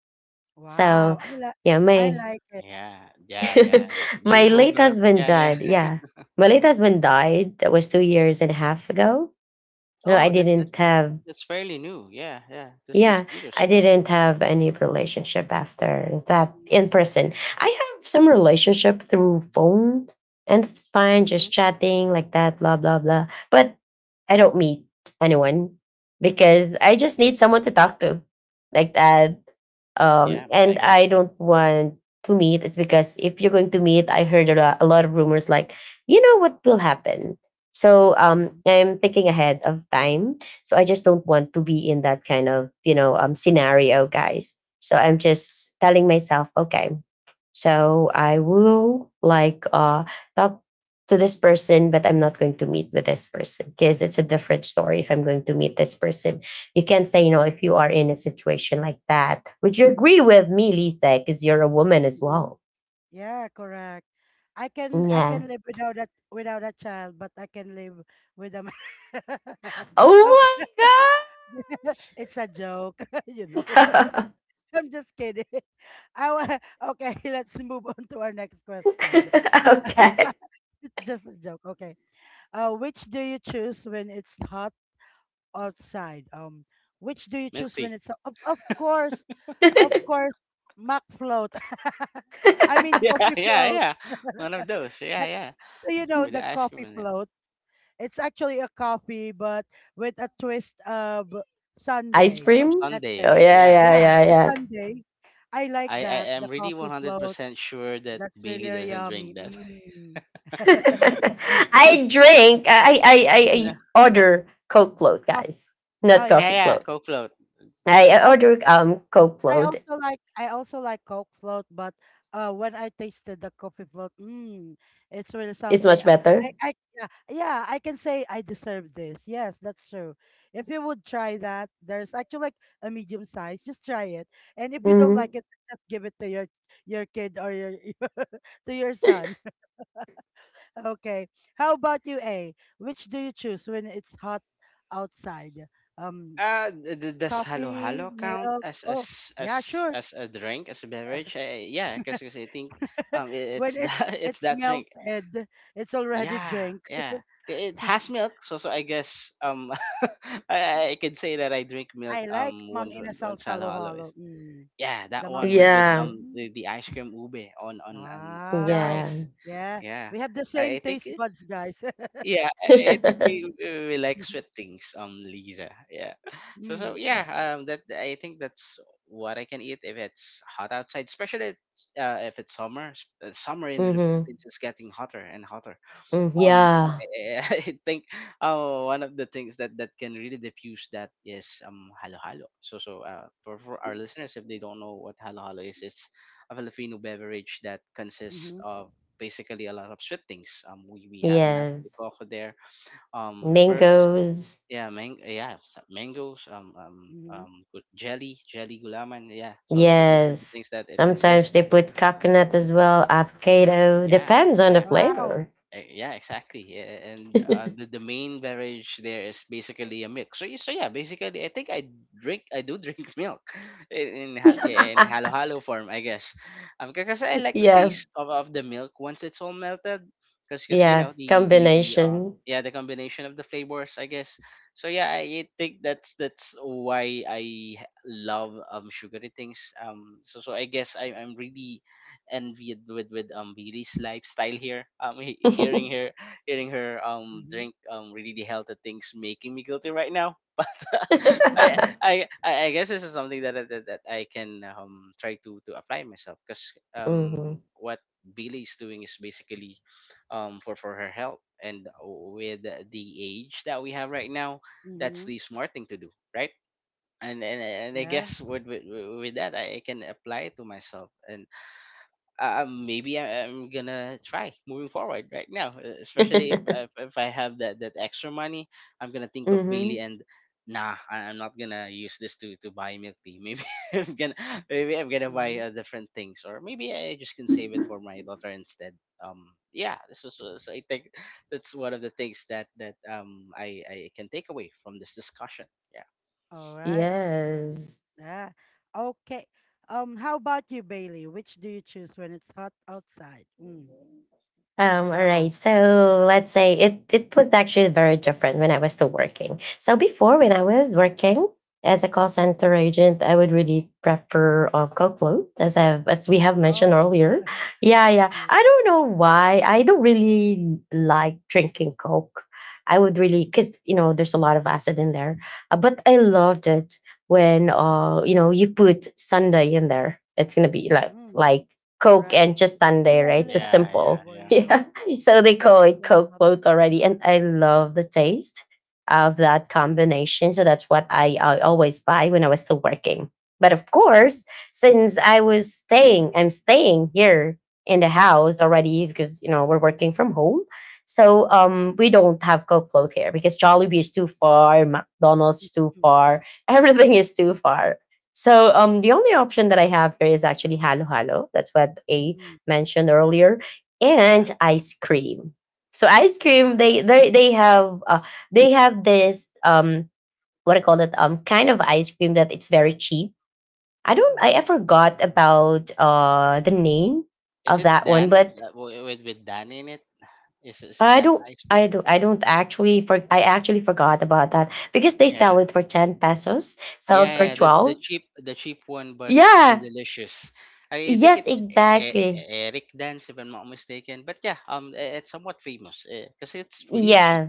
Speaker 3: So
Speaker 1: Wow.
Speaker 3: yeah,
Speaker 1: I
Speaker 3: my
Speaker 1: like it.
Speaker 2: Yeah, yeah, yeah. You
Speaker 3: my
Speaker 2: go,
Speaker 1: Yeah.
Speaker 3: late
Speaker 2: girl.
Speaker 3: husband
Speaker 2: Yeah, yeah.
Speaker 3: died. Yeah. My late husband died. That was 2 years and a half ago. So I
Speaker 2: Oh, that,
Speaker 3: didn't
Speaker 2: that's
Speaker 3: have
Speaker 2: that's fairly new. Yeah, yeah. That's
Speaker 3: yeah,
Speaker 2: just 2 years
Speaker 3: I
Speaker 2: ago.
Speaker 3: didn't have any relationship after that
Speaker 1: Mm,
Speaker 3: in person. I have some relationship through phone and fine,
Speaker 1: Mm-hmm.
Speaker 3: just chatting like that, blah blah blah. But I don't meet anyone
Speaker 1: Mm-hmm.
Speaker 3: because I just need someone to talk to like that.
Speaker 2: Yeah, I
Speaker 3: And
Speaker 2: guess.
Speaker 3: I
Speaker 2: Yeah,
Speaker 3: don't want to meet. It's because if you're going to meet, I heard a lot of rumors like, you know what will happen. So
Speaker 1: Mm-hmm.
Speaker 3: I'm thinking ahead of time. So I just don't want to be in that kind of you know scenario, guys. So I'm just telling myself, okay, so I will like talk to this person, but I'm not going to meet with this person because it's a different story. If I'm going to meet this person, you can't say, you know, if you are in a situation like that. Would you agree with me, Lisa? Because you're a woman as
Speaker 1: mhm.
Speaker 3: well.
Speaker 1: Yeah, correct. I can
Speaker 3: Yeah.
Speaker 1: live without a without a child, but I can live with a man. Okay.
Speaker 3: Oh my
Speaker 1: It's a joke, you know.
Speaker 3: god.
Speaker 1: I'm just kidding. I wa- okay, let's move on to our next question.
Speaker 3: Okay.
Speaker 1: Just a joke. Okay. Which do you choose when it's hot outside? Which do you
Speaker 2: milk
Speaker 1: choose when
Speaker 2: tea.
Speaker 1: it's so, of course, Mac float. I mean
Speaker 2: Yeah,
Speaker 1: coffee
Speaker 2: yeah,
Speaker 1: float.
Speaker 2: yeah. One of those. Yeah, yeah.
Speaker 1: The, you know
Speaker 2: With the
Speaker 1: the
Speaker 2: ice cream
Speaker 1: coffee
Speaker 2: in it.
Speaker 1: float. It's actually a coffee, but with a twist of
Speaker 3: Ice
Speaker 1: Sunday.
Speaker 2: Of
Speaker 3: cream.
Speaker 1: That's it.
Speaker 3: Oh
Speaker 2: Sunday.
Speaker 3: yeah,
Speaker 2: Yeah,
Speaker 3: yeah,
Speaker 2: yeah,
Speaker 1: Yeah,
Speaker 3: yeah,
Speaker 1: the
Speaker 3: yeah.
Speaker 1: Sunday. I like
Speaker 2: I
Speaker 1: that.
Speaker 2: am
Speaker 1: The
Speaker 2: really
Speaker 1: coffee float.
Speaker 2: 100% sure that
Speaker 1: That's really
Speaker 2: Bailey
Speaker 1: really
Speaker 2: doesn't drink
Speaker 1: yummy.
Speaker 2: that.
Speaker 1: Mm.
Speaker 3: I drink.
Speaker 2: Yeah,
Speaker 3: I order Coke float,
Speaker 1: Coffee.
Speaker 3: guys,
Speaker 1: Oh
Speaker 3: not
Speaker 1: yeah.
Speaker 3: coffee
Speaker 2: yeah,
Speaker 3: float.
Speaker 2: Coke float. Yeah.
Speaker 3: I
Speaker 1: Um.
Speaker 3: order Coke
Speaker 1: I
Speaker 3: float.
Speaker 1: also like I also like Coke float, but when I tasted the coffee float, mm, it's really
Speaker 3: It's
Speaker 1: something.
Speaker 3: much
Speaker 1: I,
Speaker 3: better.
Speaker 1: I, I yeah, yeah, I can say I deserve this. Yes, that's true. If you would try that, there's actually like a medium size. Just try it, and if you don't like
Speaker 3: Hmm.
Speaker 1: it, just give it to your kid or your to your son. Okay. How about you, A? Which do you choose when it's hot outside? Um,
Speaker 2: Does halo halo
Speaker 1: coffee,
Speaker 2: count
Speaker 1: milk.
Speaker 2: as
Speaker 1: Oh,
Speaker 2: as
Speaker 1: yeah,
Speaker 2: as
Speaker 1: sure.
Speaker 2: as a drink as a beverage? Yeah, because I think
Speaker 1: When
Speaker 2: it's
Speaker 1: it's
Speaker 2: that it's
Speaker 1: it's
Speaker 2: that drink.
Speaker 1: melted, it's already
Speaker 2: Yeah,
Speaker 1: drink.
Speaker 2: yeah. It has milk, so I guess I could say that I drink
Speaker 1: I
Speaker 2: milk
Speaker 1: like mang
Speaker 2: once once
Speaker 1: inasal
Speaker 2: once halo halo
Speaker 1: halo-halo.
Speaker 2: is.
Speaker 1: Mm.
Speaker 2: Yeah,
Speaker 1: The
Speaker 2: that
Speaker 1: mang
Speaker 2: one with with
Speaker 3: Yeah,
Speaker 1: inasal.
Speaker 2: um the,
Speaker 1: Mm.
Speaker 2: the ice cream ube on the
Speaker 1: Wow.
Speaker 3: yeah.
Speaker 2: ice.
Speaker 1: Yeah,
Speaker 2: Yeah,
Speaker 1: we have the same
Speaker 2: I think
Speaker 1: taste buds, guys.
Speaker 2: yeah, I think we like sweet things. Lisa. Yeah. So
Speaker 1: Mm.
Speaker 2: yeah. That I think that's what I can eat if it's hot outside, especially if it's summer. Summer in the
Speaker 3: hmm.
Speaker 2: Philippines is getting hotter and hotter um
Speaker 3: Yeah,
Speaker 2: I think one of the things that can really diffuse that is halo halo. So, for our listeners, if they don't know what halo halo is, it's a Filipino beverage that consists
Speaker 1: Mm-hmm.
Speaker 2: of basically a lot of sweet things. We have nat de
Speaker 3: yes.
Speaker 2: coco there, pearls.
Speaker 3: Mangoes,
Speaker 2: Yeah, mang yeah, some mangoes,
Speaker 1: Mm-hmm.
Speaker 2: jelly gulaman, yeah. So, those are the
Speaker 3: yes.
Speaker 2: things that it consists,
Speaker 3: Sometimes they
Speaker 2: and
Speaker 3: put coconut as well, avocado.
Speaker 2: yeah,
Speaker 3: Depends on the
Speaker 2: yeah.
Speaker 1: Wow.
Speaker 3: flavor.
Speaker 2: Yeah, exactly. And the main beverage there is basically a milk. So yeah, basically, I think I do drink milk in halo halo form, I guess. Because I like the
Speaker 3: Yeah,
Speaker 2: taste of the milk once it's all melted. Because you
Speaker 3: yeah.
Speaker 2: know the the the, the um
Speaker 3: Combination.
Speaker 2: yeah the combination of the flavors, I guess. So yeah, I think that's why I love sugary things. So I guess I'm really envied with Billy's lifestyle here. Hearing her
Speaker 1: Mm-hmm.
Speaker 2: drink really healthy things making me guilty right now. I I I guess this is something that I can try to apply myself because
Speaker 3: Mhm.
Speaker 2: what Billy is doing is basically for her health and with the age that we have right now, that's
Speaker 1: Mm-hmm.
Speaker 2: the smart thing to do, right? And I
Speaker 1: Yeah.
Speaker 2: guess with that I can apply it to myself and maybe I'm gonna try moving forward right now. Especially
Speaker 1: Mm-hmm.
Speaker 2: if I have that extra money, I'm gonna think of Bailey
Speaker 3: Mhm.
Speaker 2: and nah, I'm not gonna use this to buy milk tea. I'm gonna maybe I'm gonna buy
Speaker 1: Mm-hmm.
Speaker 2: different things, or maybe I just can save it for my daughter instead. Um, yeah, this is so I think that's one of the things that I can take away from this discussion. Yeah.
Speaker 1: All right.
Speaker 3: Yes.
Speaker 1: Yeah. Okay. How about you, Bailey? Which do you choose when it's hot outside? Mm.
Speaker 3: All right.
Speaker 1: Go.
Speaker 3: So let's say it was actually very different when I was still working. So before when I
Speaker 1: Mm-hmm.
Speaker 3: was working as a call center agent, I would really prefer cold, as I as we have mentioned
Speaker 1: Oh.
Speaker 3: earlier. Yeah, yeah.
Speaker 1: Yeah.
Speaker 3: I don't know why. I don't really like drinking Coke. I would really because you know there's a lot of acid in there. But I
Speaker 1: Mm.
Speaker 3: loved it when you know you put Sunday in there. It's gonna be like
Speaker 1: Mm,
Speaker 3: like Coke
Speaker 1: correct.
Speaker 3: and just
Speaker 1: It's
Speaker 3: Sunday, right?
Speaker 1: leveling
Speaker 3: Just
Speaker 1: up the
Speaker 2: Yeah.
Speaker 3: simple.
Speaker 2: Yeah.
Speaker 1: flavor,
Speaker 2: Yeah.
Speaker 1: you
Speaker 3: Yeah.
Speaker 1: know.
Speaker 3: So they
Speaker 1: It's
Speaker 3: call
Speaker 1: just
Speaker 3: it Coke
Speaker 1: level up
Speaker 3: float
Speaker 1: and
Speaker 3: already.
Speaker 1: up.
Speaker 3: And I love the taste of
Speaker 1: Mm,
Speaker 3: that combination. So that's what I always buy when I was still working. But of
Speaker 1: mm,
Speaker 3: course, since I was staying, I'm staying here in the house already because, you know, we're working from home. So
Speaker 1: mm,
Speaker 3: we don't have Coke float here because Jollibee is too far, McDonald's is too
Speaker 1: mm,
Speaker 3: far,
Speaker 1: yeah.
Speaker 3: everything is too far. So the only option that I have here is actually Halo Halo. That's what A
Speaker 1: Mm,
Speaker 3: mentioned earlier
Speaker 2: Yeah.
Speaker 3: and ice cream. So ice cream,
Speaker 1: wow.
Speaker 3: they have this what I call it kind of ice cream that it's very cheap. I don't I
Speaker 1: Um,
Speaker 3: forgot about the name
Speaker 2: Is
Speaker 3: of
Speaker 2: it
Speaker 3: that one,
Speaker 2: Dan
Speaker 3: but
Speaker 2: that with Dan in it? Is
Speaker 3: I
Speaker 2: that
Speaker 3: don't
Speaker 2: ice cream?
Speaker 3: I don't I don't actually for I actually forgot about that because they sell
Speaker 2: Yeah,
Speaker 3: it for 10 pesos, sell it for
Speaker 2: yeah, yeah. The
Speaker 1: mm,
Speaker 2: the
Speaker 3: 12.
Speaker 2: cheap the cheap one, but still
Speaker 3: Yeah.
Speaker 2: delicious. I think
Speaker 3: Yes,
Speaker 2: it's
Speaker 3: exactly.
Speaker 2: Eric Dan's if I'm not mistaken. But yeah, it's somewhat famous because it's really cheap,
Speaker 3: Yeah.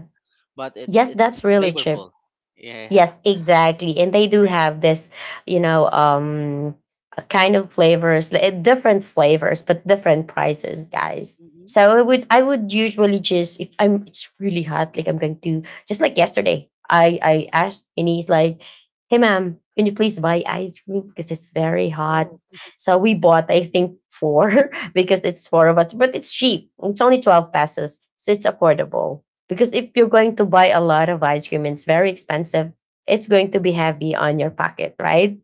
Speaker 2: but it's
Speaker 3: Yes,
Speaker 2: it's
Speaker 3: that's really cheap.
Speaker 2: flavorful. Yeah,
Speaker 3: Yes, exactly. And they do
Speaker 2: yeah,
Speaker 3: have this, you know, um a kind of flavors, different flavors, but different prices, guys.
Speaker 1: mm-hmm.
Speaker 3: So I would usually just if I'm it's really hot, like I'm going to just like yesterday. I asked and he's like, "Hey ma'am, can you please buy ice cream? Because it's very hot."
Speaker 1: Oh,
Speaker 3: So we bought I think four because it's four of us, but it's cheap. It's only 12 pesos. So it's affordable. Because if you're going to buy a lot of ice cream, it's very expensive, it's going to be heavy on your pocket, right?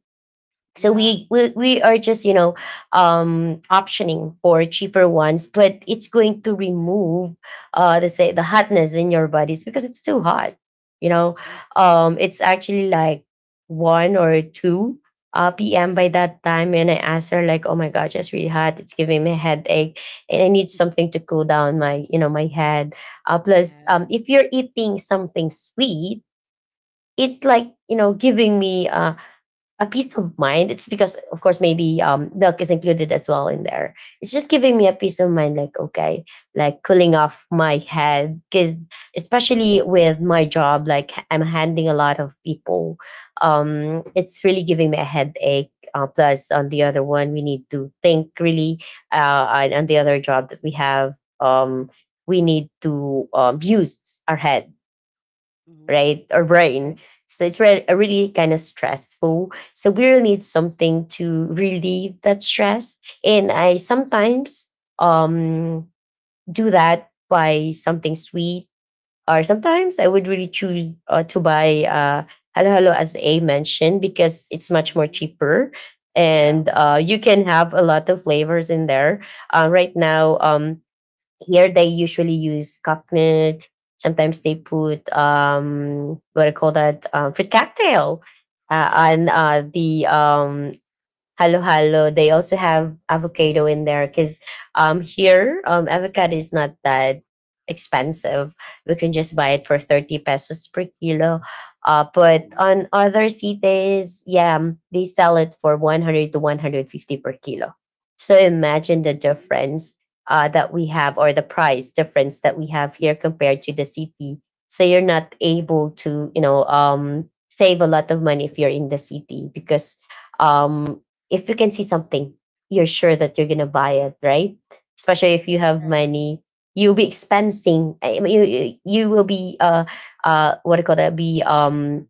Speaker 3: So
Speaker 1: yeah.
Speaker 3: we we,
Speaker 1: That's
Speaker 3: we
Speaker 1: true.
Speaker 3: are just optioning for cheaper ones, but it's going to remove the hotness in your bodies because it's too hot. You know,
Speaker 1: Mm,
Speaker 3: it's actually like 1 or 2 p.m. by that time, and I asked her like, "Oh my gosh, it's really hot. It's giving me a headache, and I need something to cool down my my head." Plus,
Speaker 1: yes.
Speaker 3: if you're eating something sweet, it's like giving me a peace of mind. It's because of course
Speaker 1: Mm-hmm,
Speaker 3: maybe milk is included as well in there. It's just giving me a peace of mind, like, okay, like cooling off my head, because especially with my job, like, I'm handling a lot of people. It's really giving me a headache, plus on the
Speaker 1: mm-hmm,
Speaker 3: other one we need to think really, and on the other job that we have, um, we need to use our head,
Speaker 1: mm-hmm.
Speaker 3: right? Our brain.
Speaker 1: Okay.
Speaker 3: So it's really kind of stressful. So we really need something to relieve that stress. And I sometimes um, do that by something sweet, or sometimes I would really choose to buy Hello Hello, as A mentioned, because it's much more
Speaker 1: Mm-hmm,
Speaker 3: cheaper.
Speaker 2: yeah,
Speaker 3: And you can have a lot of flavors in there. Right now, here they usually use coconut. Sometimes they put what do you call that, fruit cocktail
Speaker 2: yeah,
Speaker 3: on
Speaker 2: yeah.
Speaker 3: the halo halo. They also have avocado in there because, here, avocado is not that expensive. We can just buy it for 30 pesos per kilo. But
Speaker 1: mm-hmm,
Speaker 2: Oh,
Speaker 3: on other cities, yeah, they sell it for 100 to 150 per kilo. So imagine the
Speaker 1: mm-hmm.
Speaker 3: difference that we have, or the price difference that we have here compared to the city. So you're not able to, save a lot of money if you're in the city, because um if you can see something, you're sure that you're gonna buy it, right? Especially if you have
Speaker 1: Yes.
Speaker 3: money, you'll be expensing. I mean, you will be what do you call that? Be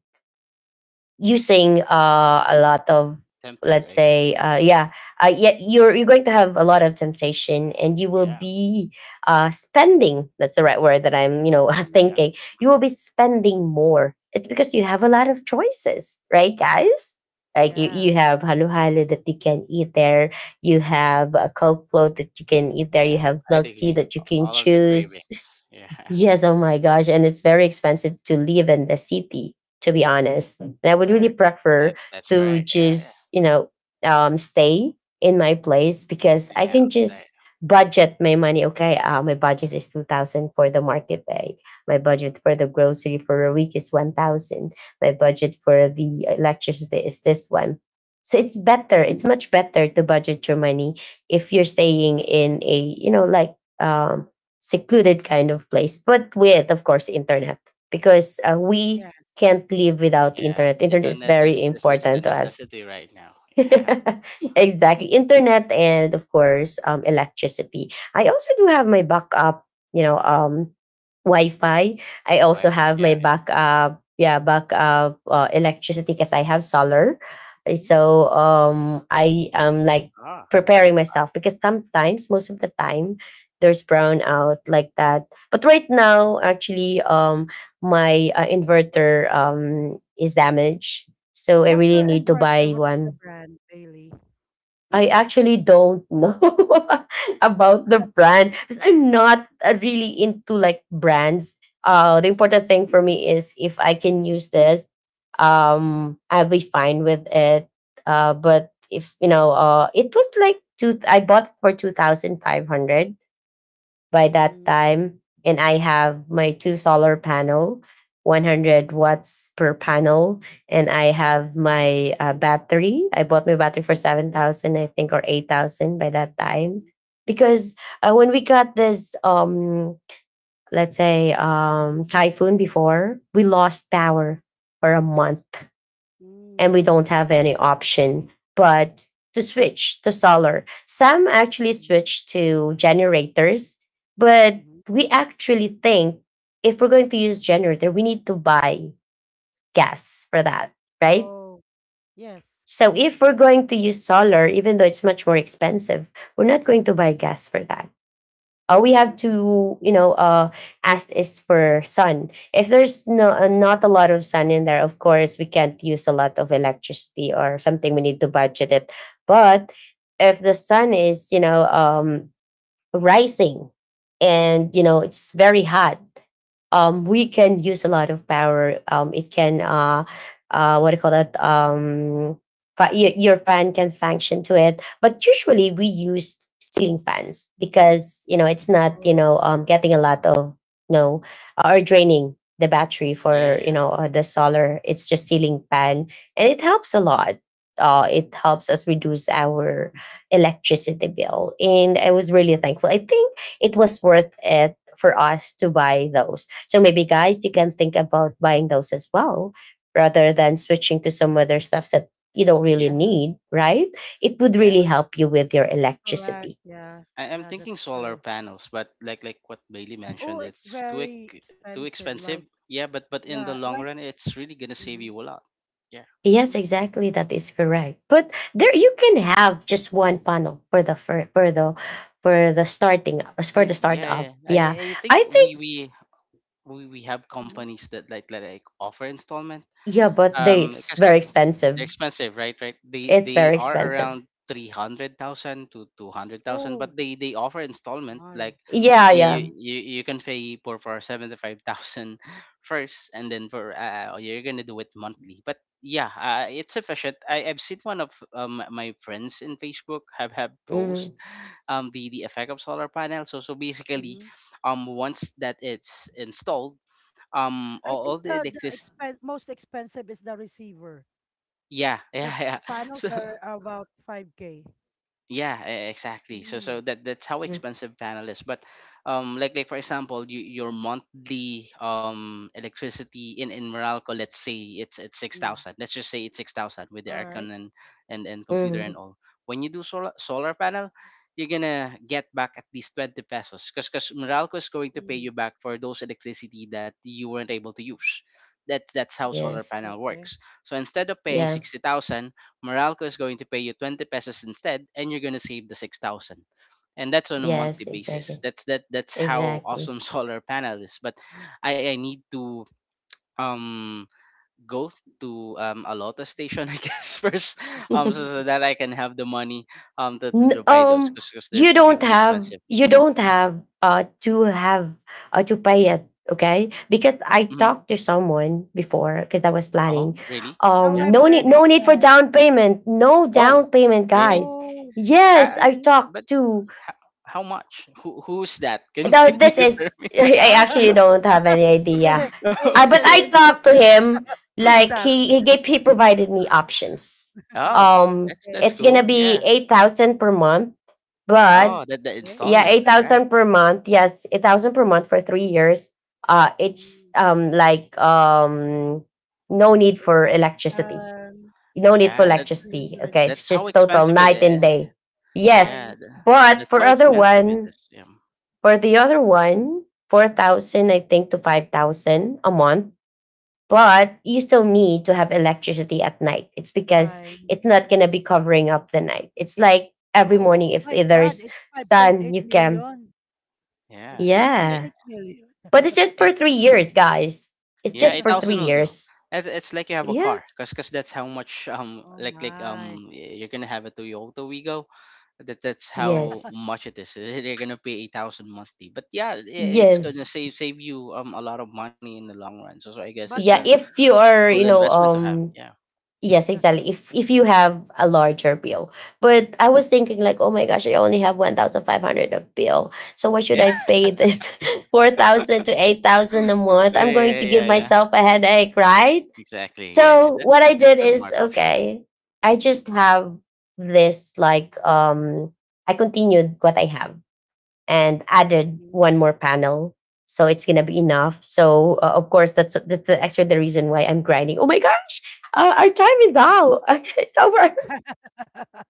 Speaker 3: using a lot of,
Speaker 2: tempted,
Speaker 3: let's
Speaker 2: I guess.
Speaker 3: say, yeah, yeah, you're going to have a lot of temptation and you will
Speaker 2: Yeah,
Speaker 3: be spending, that's the right word that I'm
Speaker 1: Mhm.
Speaker 2: yeah,
Speaker 3: thinking. You
Speaker 2: mm,
Speaker 3: will be spending more, it's because you have a lot of choices, right,
Speaker 2: yeah,
Speaker 3: guys? Like you,
Speaker 2: mm,
Speaker 1: Yeah.
Speaker 3: you have haluhalu that you can eat there, you have a coke float that you can eat there, you
Speaker 2: yeah.
Speaker 3: have
Speaker 2: I'd
Speaker 3: milk tea
Speaker 2: agree.
Speaker 3: that you can
Speaker 2: All of the
Speaker 3: choose.
Speaker 2: cravings. Yeah,
Speaker 3: Yes, oh
Speaker 1: Mhm.
Speaker 3: my gosh. And it's very expensive to live in the city, to be honest. And I would really
Speaker 1: Correct.
Speaker 3: prefer
Speaker 2: that's
Speaker 3: to
Speaker 2: correct. Yeah, yeah.
Speaker 3: just, stay in my place because
Speaker 2: In
Speaker 3: I can
Speaker 2: house. I,
Speaker 3: just budget my money. Okay, my budget is 2000 for the market day. My budget for the grocery for a week is 1000. My budget for the electricity is this one. So it's better. It's
Speaker 1: Mhm.
Speaker 3: much better to budget your money if you're staying in a, like, secluded kind of place, but with, of course, internet, because we
Speaker 1: Yes.
Speaker 3: can't live without
Speaker 2: yeah,
Speaker 3: internet. Internet is
Speaker 2: internet
Speaker 3: very
Speaker 2: is a
Speaker 3: important to us.
Speaker 2: necessity right now. Yeah,
Speaker 3: Exactly, internet and of course, electricity. I also do have my backup, you know, um, Wi-Fi. I
Speaker 2: like
Speaker 3: also
Speaker 2: Wi-Fi.
Speaker 3: have my
Speaker 2: Yeah, yeah.
Speaker 3: backup, yeah, backup electricity because I have solar. Uh,
Speaker 1: Mhm.
Speaker 3: So um, I am like
Speaker 2: Oh,
Speaker 3: preparing
Speaker 2: wow.
Speaker 3: myself because sometimes, most of the time, there's brownout like that. But right now, actually, my inverter is damaged, so I
Speaker 1: What's
Speaker 3: really
Speaker 1: your
Speaker 3: need to
Speaker 1: inverter?
Speaker 3: buy
Speaker 1: What's the
Speaker 3: one.
Speaker 1: brand, Bailey?
Speaker 3: I actually don't know about the brand because I'm not really into like brands. The important
Speaker 1: Mm,
Speaker 3: thing for me is if I can use this, I'll be fine with it. But if you know, it was like two. I bought it for two thousand five hundred by that
Speaker 1: mm,
Speaker 3: time, and I have my two solar panel, 100 watts per panel, and I have my battery. I bought my battery for 7,000, I think, or 8,000 by that time,
Speaker 1: mm,
Speaker 3: because when we got this, let's say typhoon before, we lost power for a month, and we
Speaker 1: mhm,
Speaker 3: don't have any option but to switch to solar. Some actually
Speaker 1: mhm,
Speaker 3: switch to generators, but
Speaker 1: mhm.
Speaker 3: we actually think, if we're going to use generator, we need to buy gas for that, right?
Speaker 1: Oh, yes.
Speaker 3: So if we're going to use solar, even though it's much more expensive, we're not going to buy gas for that. We have
Speaker 1: Mm, mm,
Speaker 3: to, ask is for sun. If there's no, not a lot of sun in there, of course we can't use a lot of electricity or something, we need to budget it. But if the sun is, rising,
Speaker 1: mhm.
Speaker 3: and it's very hot, we can use a lot of power. It can, what do you call that? Your fan can function to it. But usually we use ceiling fans because, it's
Speaker 1: Oh,
Speaker 3: not,
Speaker 1: okay,
Speaker 3: getting a lot of, you know, or draining the battery
Speaker 2: Yeah,
Speaker 3: for,
Speaker 2: yeah,
Speaker 3: the solar. It's just ceiling fan. And it helps a lot. It helps us reduce our electricity bill. And I was really thankful. I think it was worth it for us to buy those. So maybe, guys, you can think about buying those as well, rather than switching to some other stuff that you don't really
Speaker 2: yeah,
Speaker 3: need, right? It would
Speaker 2: yeah.
Speaker 3: really help you with your
Speaker 1: correct.
Speaker 3: electricity.
Speaker 1: Yeah,
Speaker 2: I am
Speaker 1: yeah, that's
Speaker 2: thinking solar
Speaker 1: true.
Speaker 2: panels, but like what Bailey
Speaker 1: Oh,
Speaker 2: mentioned,
Speaker 1: it's
Speaker 2: it's
Speaker 1: very
Speaker 2: too
Speaker 1: expensive.
Speaker 2: expensive.
Speaker 1: Like,
Speaker 2: Yeah, but in the
Speaker 1: yeah,
Speaker 2: long
Speaker 1: like,
Speaker 2: run, it's really gonna save you a lot. Yeah.
Speaker 3: Yes,
Speaker 1: mm,
Speaker 3: exactly. That is correct. But there, you can have just one panel for the
Speaker 2: Hey, yeah,
Speaker 3: startup.
Speaker 2: yeah. I
Speaker 3: Yeah,
Speaker 2: I I think
Speaker 3: I
Speaker 2: we
Speaker 3: think.
Speaker 2: we we we have
Speaker 1: mhm.
Speaker 2: companies that like offer installment.
Speaker 3: Yeah, but they,
Speaker 2: Um,
Speaker 3: it's
Speaker 2: because
Speaker 3: very expensive.
Speaker 2: they're expensive, right? Right. They
Speaker 3: It's
Speaker 2: they
Speaker 3: very
Speaker 2: are
Speaker 3: expensive.
Speaker 2: around 300,000 to 200,000, but
Speaker 1: Oh,
Speaker 2: they offer installment.
Speaker 1: my.
Speaker 2: Like
Speaker 3: Yeah,
Speaker 2: you
Speaker 3: yeah.
Speaker 2: you you can pay for 75,000 first, and then for you're gonna do it monthly. But yeah, it's efficient. I've seen one of my friends in Facebook have
Speaker 3: Mm-hmm.
Speaker 2: post the effect of solar panel. So basically,
Speaker 1: Mhm.
Speaker 2: once that it's installed,
Speaker 1: I
Speaker 2: all
Speaker 1: think
Speaker 2: the
Speaker 1: the
Speaker 2: electric.
Speaker 1: expen most expensive is the receiver
Speaker 2: Yeah, yeah,
Speaker 1: because
Speaker 2: yeah.
Speaker 1: panels
Speaker 2: So
Speaker 1: are about 5K.
Speaker 2: yeah, exactly. So
Speaker 1: Mm,
Speaker 2: so that that's how
Speaker 3: Mm-hmm.
Speaker 2: expensive panel is. But like for example, your monthly electricity in Meralco, let's say it's six
Speaker 1: mm.
Speaker 2: thousand. Let's just say it's 6,000 with the
Speaker 1: All right.
Speaker 2: aircon and computer
Speaker 3: Mm-hmm.
Speaker 2: and all. When you do solar panel, you're gonna get back at least 20 pesos, because Meralco is going to pay
Speaker 1: Mm,
Speaker 2: you back for those electricity that you weren't able to use. That's how solar
Speaker 3: Yes.
Speaker 2: panel
Speaker 1: okay.
Speaker 2: works. So instead of paying
Speaker 3: Yeah.
Speaker 2: 60,000, Meralco is going to pay you 20 pesos instead and you're going to save the 6,000. And that's on a monthly
Speaker 3: Yes,
Speaker 2: basis.
Speaker 3: exactly.
Speaker 2: That's how
Speaker 3: Exactly.
Speaker 2: awesome solar panel is. But I need to um go to a Lota station I guess first, um so,
Speaker 3: N-
Speaker 2: so that I can have the money to buy those
Speaker 3: um
Speaker 2: because they're
Speaker 3: you don't
Speaker 2: really
Speaker 3: have
Speaker 2: expensive.
Speaker 3: you don't
Speaker 2: uh
Speaker 3: have uh to pay it, okay? Because I
Speaker 2: Mhm.
Speaker 3: talked to someone before because I was
Speaker 2: Oh,
Speaker 3: planning.
Speaker 1: Mhm.
Speaker 2: really?
Speaker 1: Now
Speaker 2: Yeah.
Speaker 1: I'm
Speaker 3: No need,
Speaker 2: Mm.
Speaker 1: learning. Go
Speaker 3: for
Speaker 1: ahead.
Speaker 3: down payment. No
Speaker 2: Oh,
Speaker 3: down payment,
Speaker 2: really?
Speaker 3: guys.
Speaker 1: Oh,
Speaker 3: Yes,
Speaker 2: Ha-
Speaker 3: I
Speaker 1: really?
Speaker 3: talked
Speaker 2: but
Speaker 3: to.
Speaker 2: how, how much? Who's that? Can
Speaker 3: Now
Speaker 2: can you
Speaker 3: this
Speaker 2: refer
Speaker 3: is,
Speaker 2: me?
Speaker 3: I actually
Speaker 1: Ah,
Speaker 3: don't have any idea.
Speaker 1: eh, it's
Speaker 3: But
Speaker 2: Okay.
Speaker 1: really
Speaker 3: I talked to
Speaker 1: interested.
Speaker 3: him,
Speaker 1: Who's
Speaker 3: like,
Speaker 1: that?
Speaker 3: he provided me options.
Speaker 2: Oh, that's
Speaker 1: Okay.
Speaker 2: that's
Speaker 3: It's gonna
Speaker 2: cool.
Speaker 3: be
Speaker 2: Yeah.
Speaker 3: 8,000 per month, but
Speaker 2: Oh,
Speaker 1: Oh,
Speaker 2: that the
Speaker 1: okay.
Speaker 3: yeah,
Speaker 2: installment,
Speaker 3: eight
Speaker 2: right?
Speaker 3: thousand per month. Yes, 8,000 per month for 3 years. It's
Speaker 1: Mm,
Speaker 3: like no need for electricity.
Speaker 1: 8,000
Speaker 3: No need for
Speaker 2: Yeah,
Speaker 1: times
Speaker 2: that
Speaker 3: electricity. Okay, it's
Speaker 2: that's how
Speaker 3: just
Speaker 1: 365
Speaker 3: total
Speaker 1: times
Speaker 2: expensive it
Speaker 3: night and
Speaker 2: is.
Speaker 3: day. Yes,
Speaker 2: Yeah,
Speaker 3: but
Speaker 2: that's how expensive it is. Yeah.
Speaker 3: for the other one, 4,000, I think, to 5,000 a month. But you still need to have electricity at night. It's because
Speaker 1: time.
Speaker 3: it's not going to be covering up the night. It's like every morning,
Speaker 2: Oh,
Speaker 3: if
Speaker 1: My God,
Speaker 3: there's
Speaker 1: it's
Speaker 3: sun,
Speaker 1: 5.8
Speaker 3: you can.
Speaker 1: million.
Speaker 2: yeah.
Speaker 1: It's
Speaker 3: Yeah.
Speaker 1: 5.8 million.
Speaker 3: But it's just
Speaker 2: Eight,
Speaker 3: for 3 years, guys. It's
Speaker 2: yeah,
Speaker 3: just
Speaker 2: eight
Speaker 3: for three
Speaker 2: thousand will do.
Speaker 3: years.
Speaker 2: It's like you have a
Speaker 3: Yeah.
Speaker 2: car, cause that's how much
Speaker 1: Oh my.
Speaker 2: you're gonna have a Toyota Wigo. That's how
Speaker 3: Yes.
Speaker 2: much it is. You're gonna pay 8,000 monthly. But yeah, it's gonna
Speaker 3: Yes.
Speaker 2: save you a lot of money in the long run. So, I guess it's
Speaker 1: But
Speaker 2: a
Speaker 3: Yeah.
Speaker 1: in,
Speaker 3: If you are,
Speaker 2: cool investment to have. Yeah.
Speaker 3: yes,
Speaker 1: yeah.
Speaker 3: exactly. If you have a larger bill. But I was thinking like, oh my gosh, I only have 1,500 of bill. So why should
Speaker 2: Yeah.
Speaker 3: I pay this 4,000 to 8,000 a
Speaker 2: Yeah,
Speaker 3: month? I'm
Speaker 2: yeah,
Speaker 3: going to
Speaker 2: yeah,
Speaker 3: give
Speaker 2: yeah.
Speaker 3: myself a headache, right?
Speaker 2: Exactly. Yeah,
Speaker 3: So
Speaker 2: that,
Speaker 3: what I did
Speaker 2: that's a smart
Speaker 3: is,
Speaker 2: option.
Speaker 3: okay, I just have this, like, I continued what I have and added one more panel. So it's gonna be enough. So of course that's, the actually the reason why I'm grinding. Oh my gosh, our time is
Speaker 1: Mhm.
Speaker 3: out. It's over.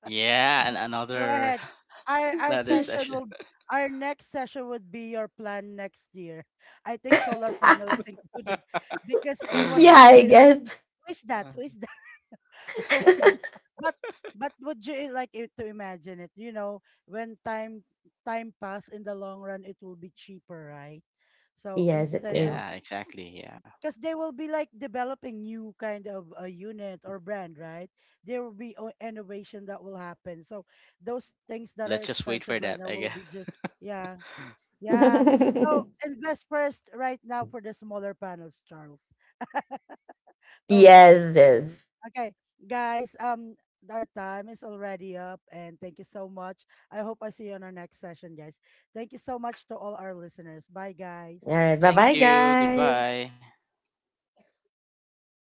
Speaker 2: Yeah, and
Speaker 1: Go
Speaker 2: another
Speaker 1: ahead. Our our
Speaker 2: another
Speaker 1: session
Speaker 2: session.
Speaker 1: will our next session would be your plan next year. I think solar panel is included because A was
Speaker 3: Yeah, I
Speaker 1: actually asking,
Speaker 3: guess.
Speaker 1: who is that?
Speaker 2: Uh,
Speaker 1: Who is that? Okay. But but would you like it to imagine it? You know, when time pass in the long run it will be cheaper, right? So
Speaker 3: Yes, it
Speaker 1: instead of
Speaker 3: is.
Speaker 2: yeah, exactly. Yeah.
Speaker 1: because they will be like developing new kind of a unit or brand, right? There will be innovation that will happen. So those things
Speaker 2: So
Speaker 1: that
Speaker 2: let's
Speaker 1: are
Speaker 2: just wait for
Speaker 1: expensive right
Speaker 2: that,
Speaker 1: now
Speaker 2: I
Speaker 1: will
Speaker 2: guess.
Speaker 1: be just yeah, yeah. So invest first right now for the smaller panels, Charles. Okay,
Speaker 3: Yes, it is.
Speaker 1: okay, guys. Our time is already up, and thank you so much. I hope I see you on our next session, guys. Thank you so much to all our listeners. Bye,
Speaker 3: All
Speaker 1: guys.
Speaker 3: right. Bye,
Speaker 2: Thank
Speaker 3: bye,
Speaker 2: you.
Speaker 3: guys.
Speaker 2: Goodbye.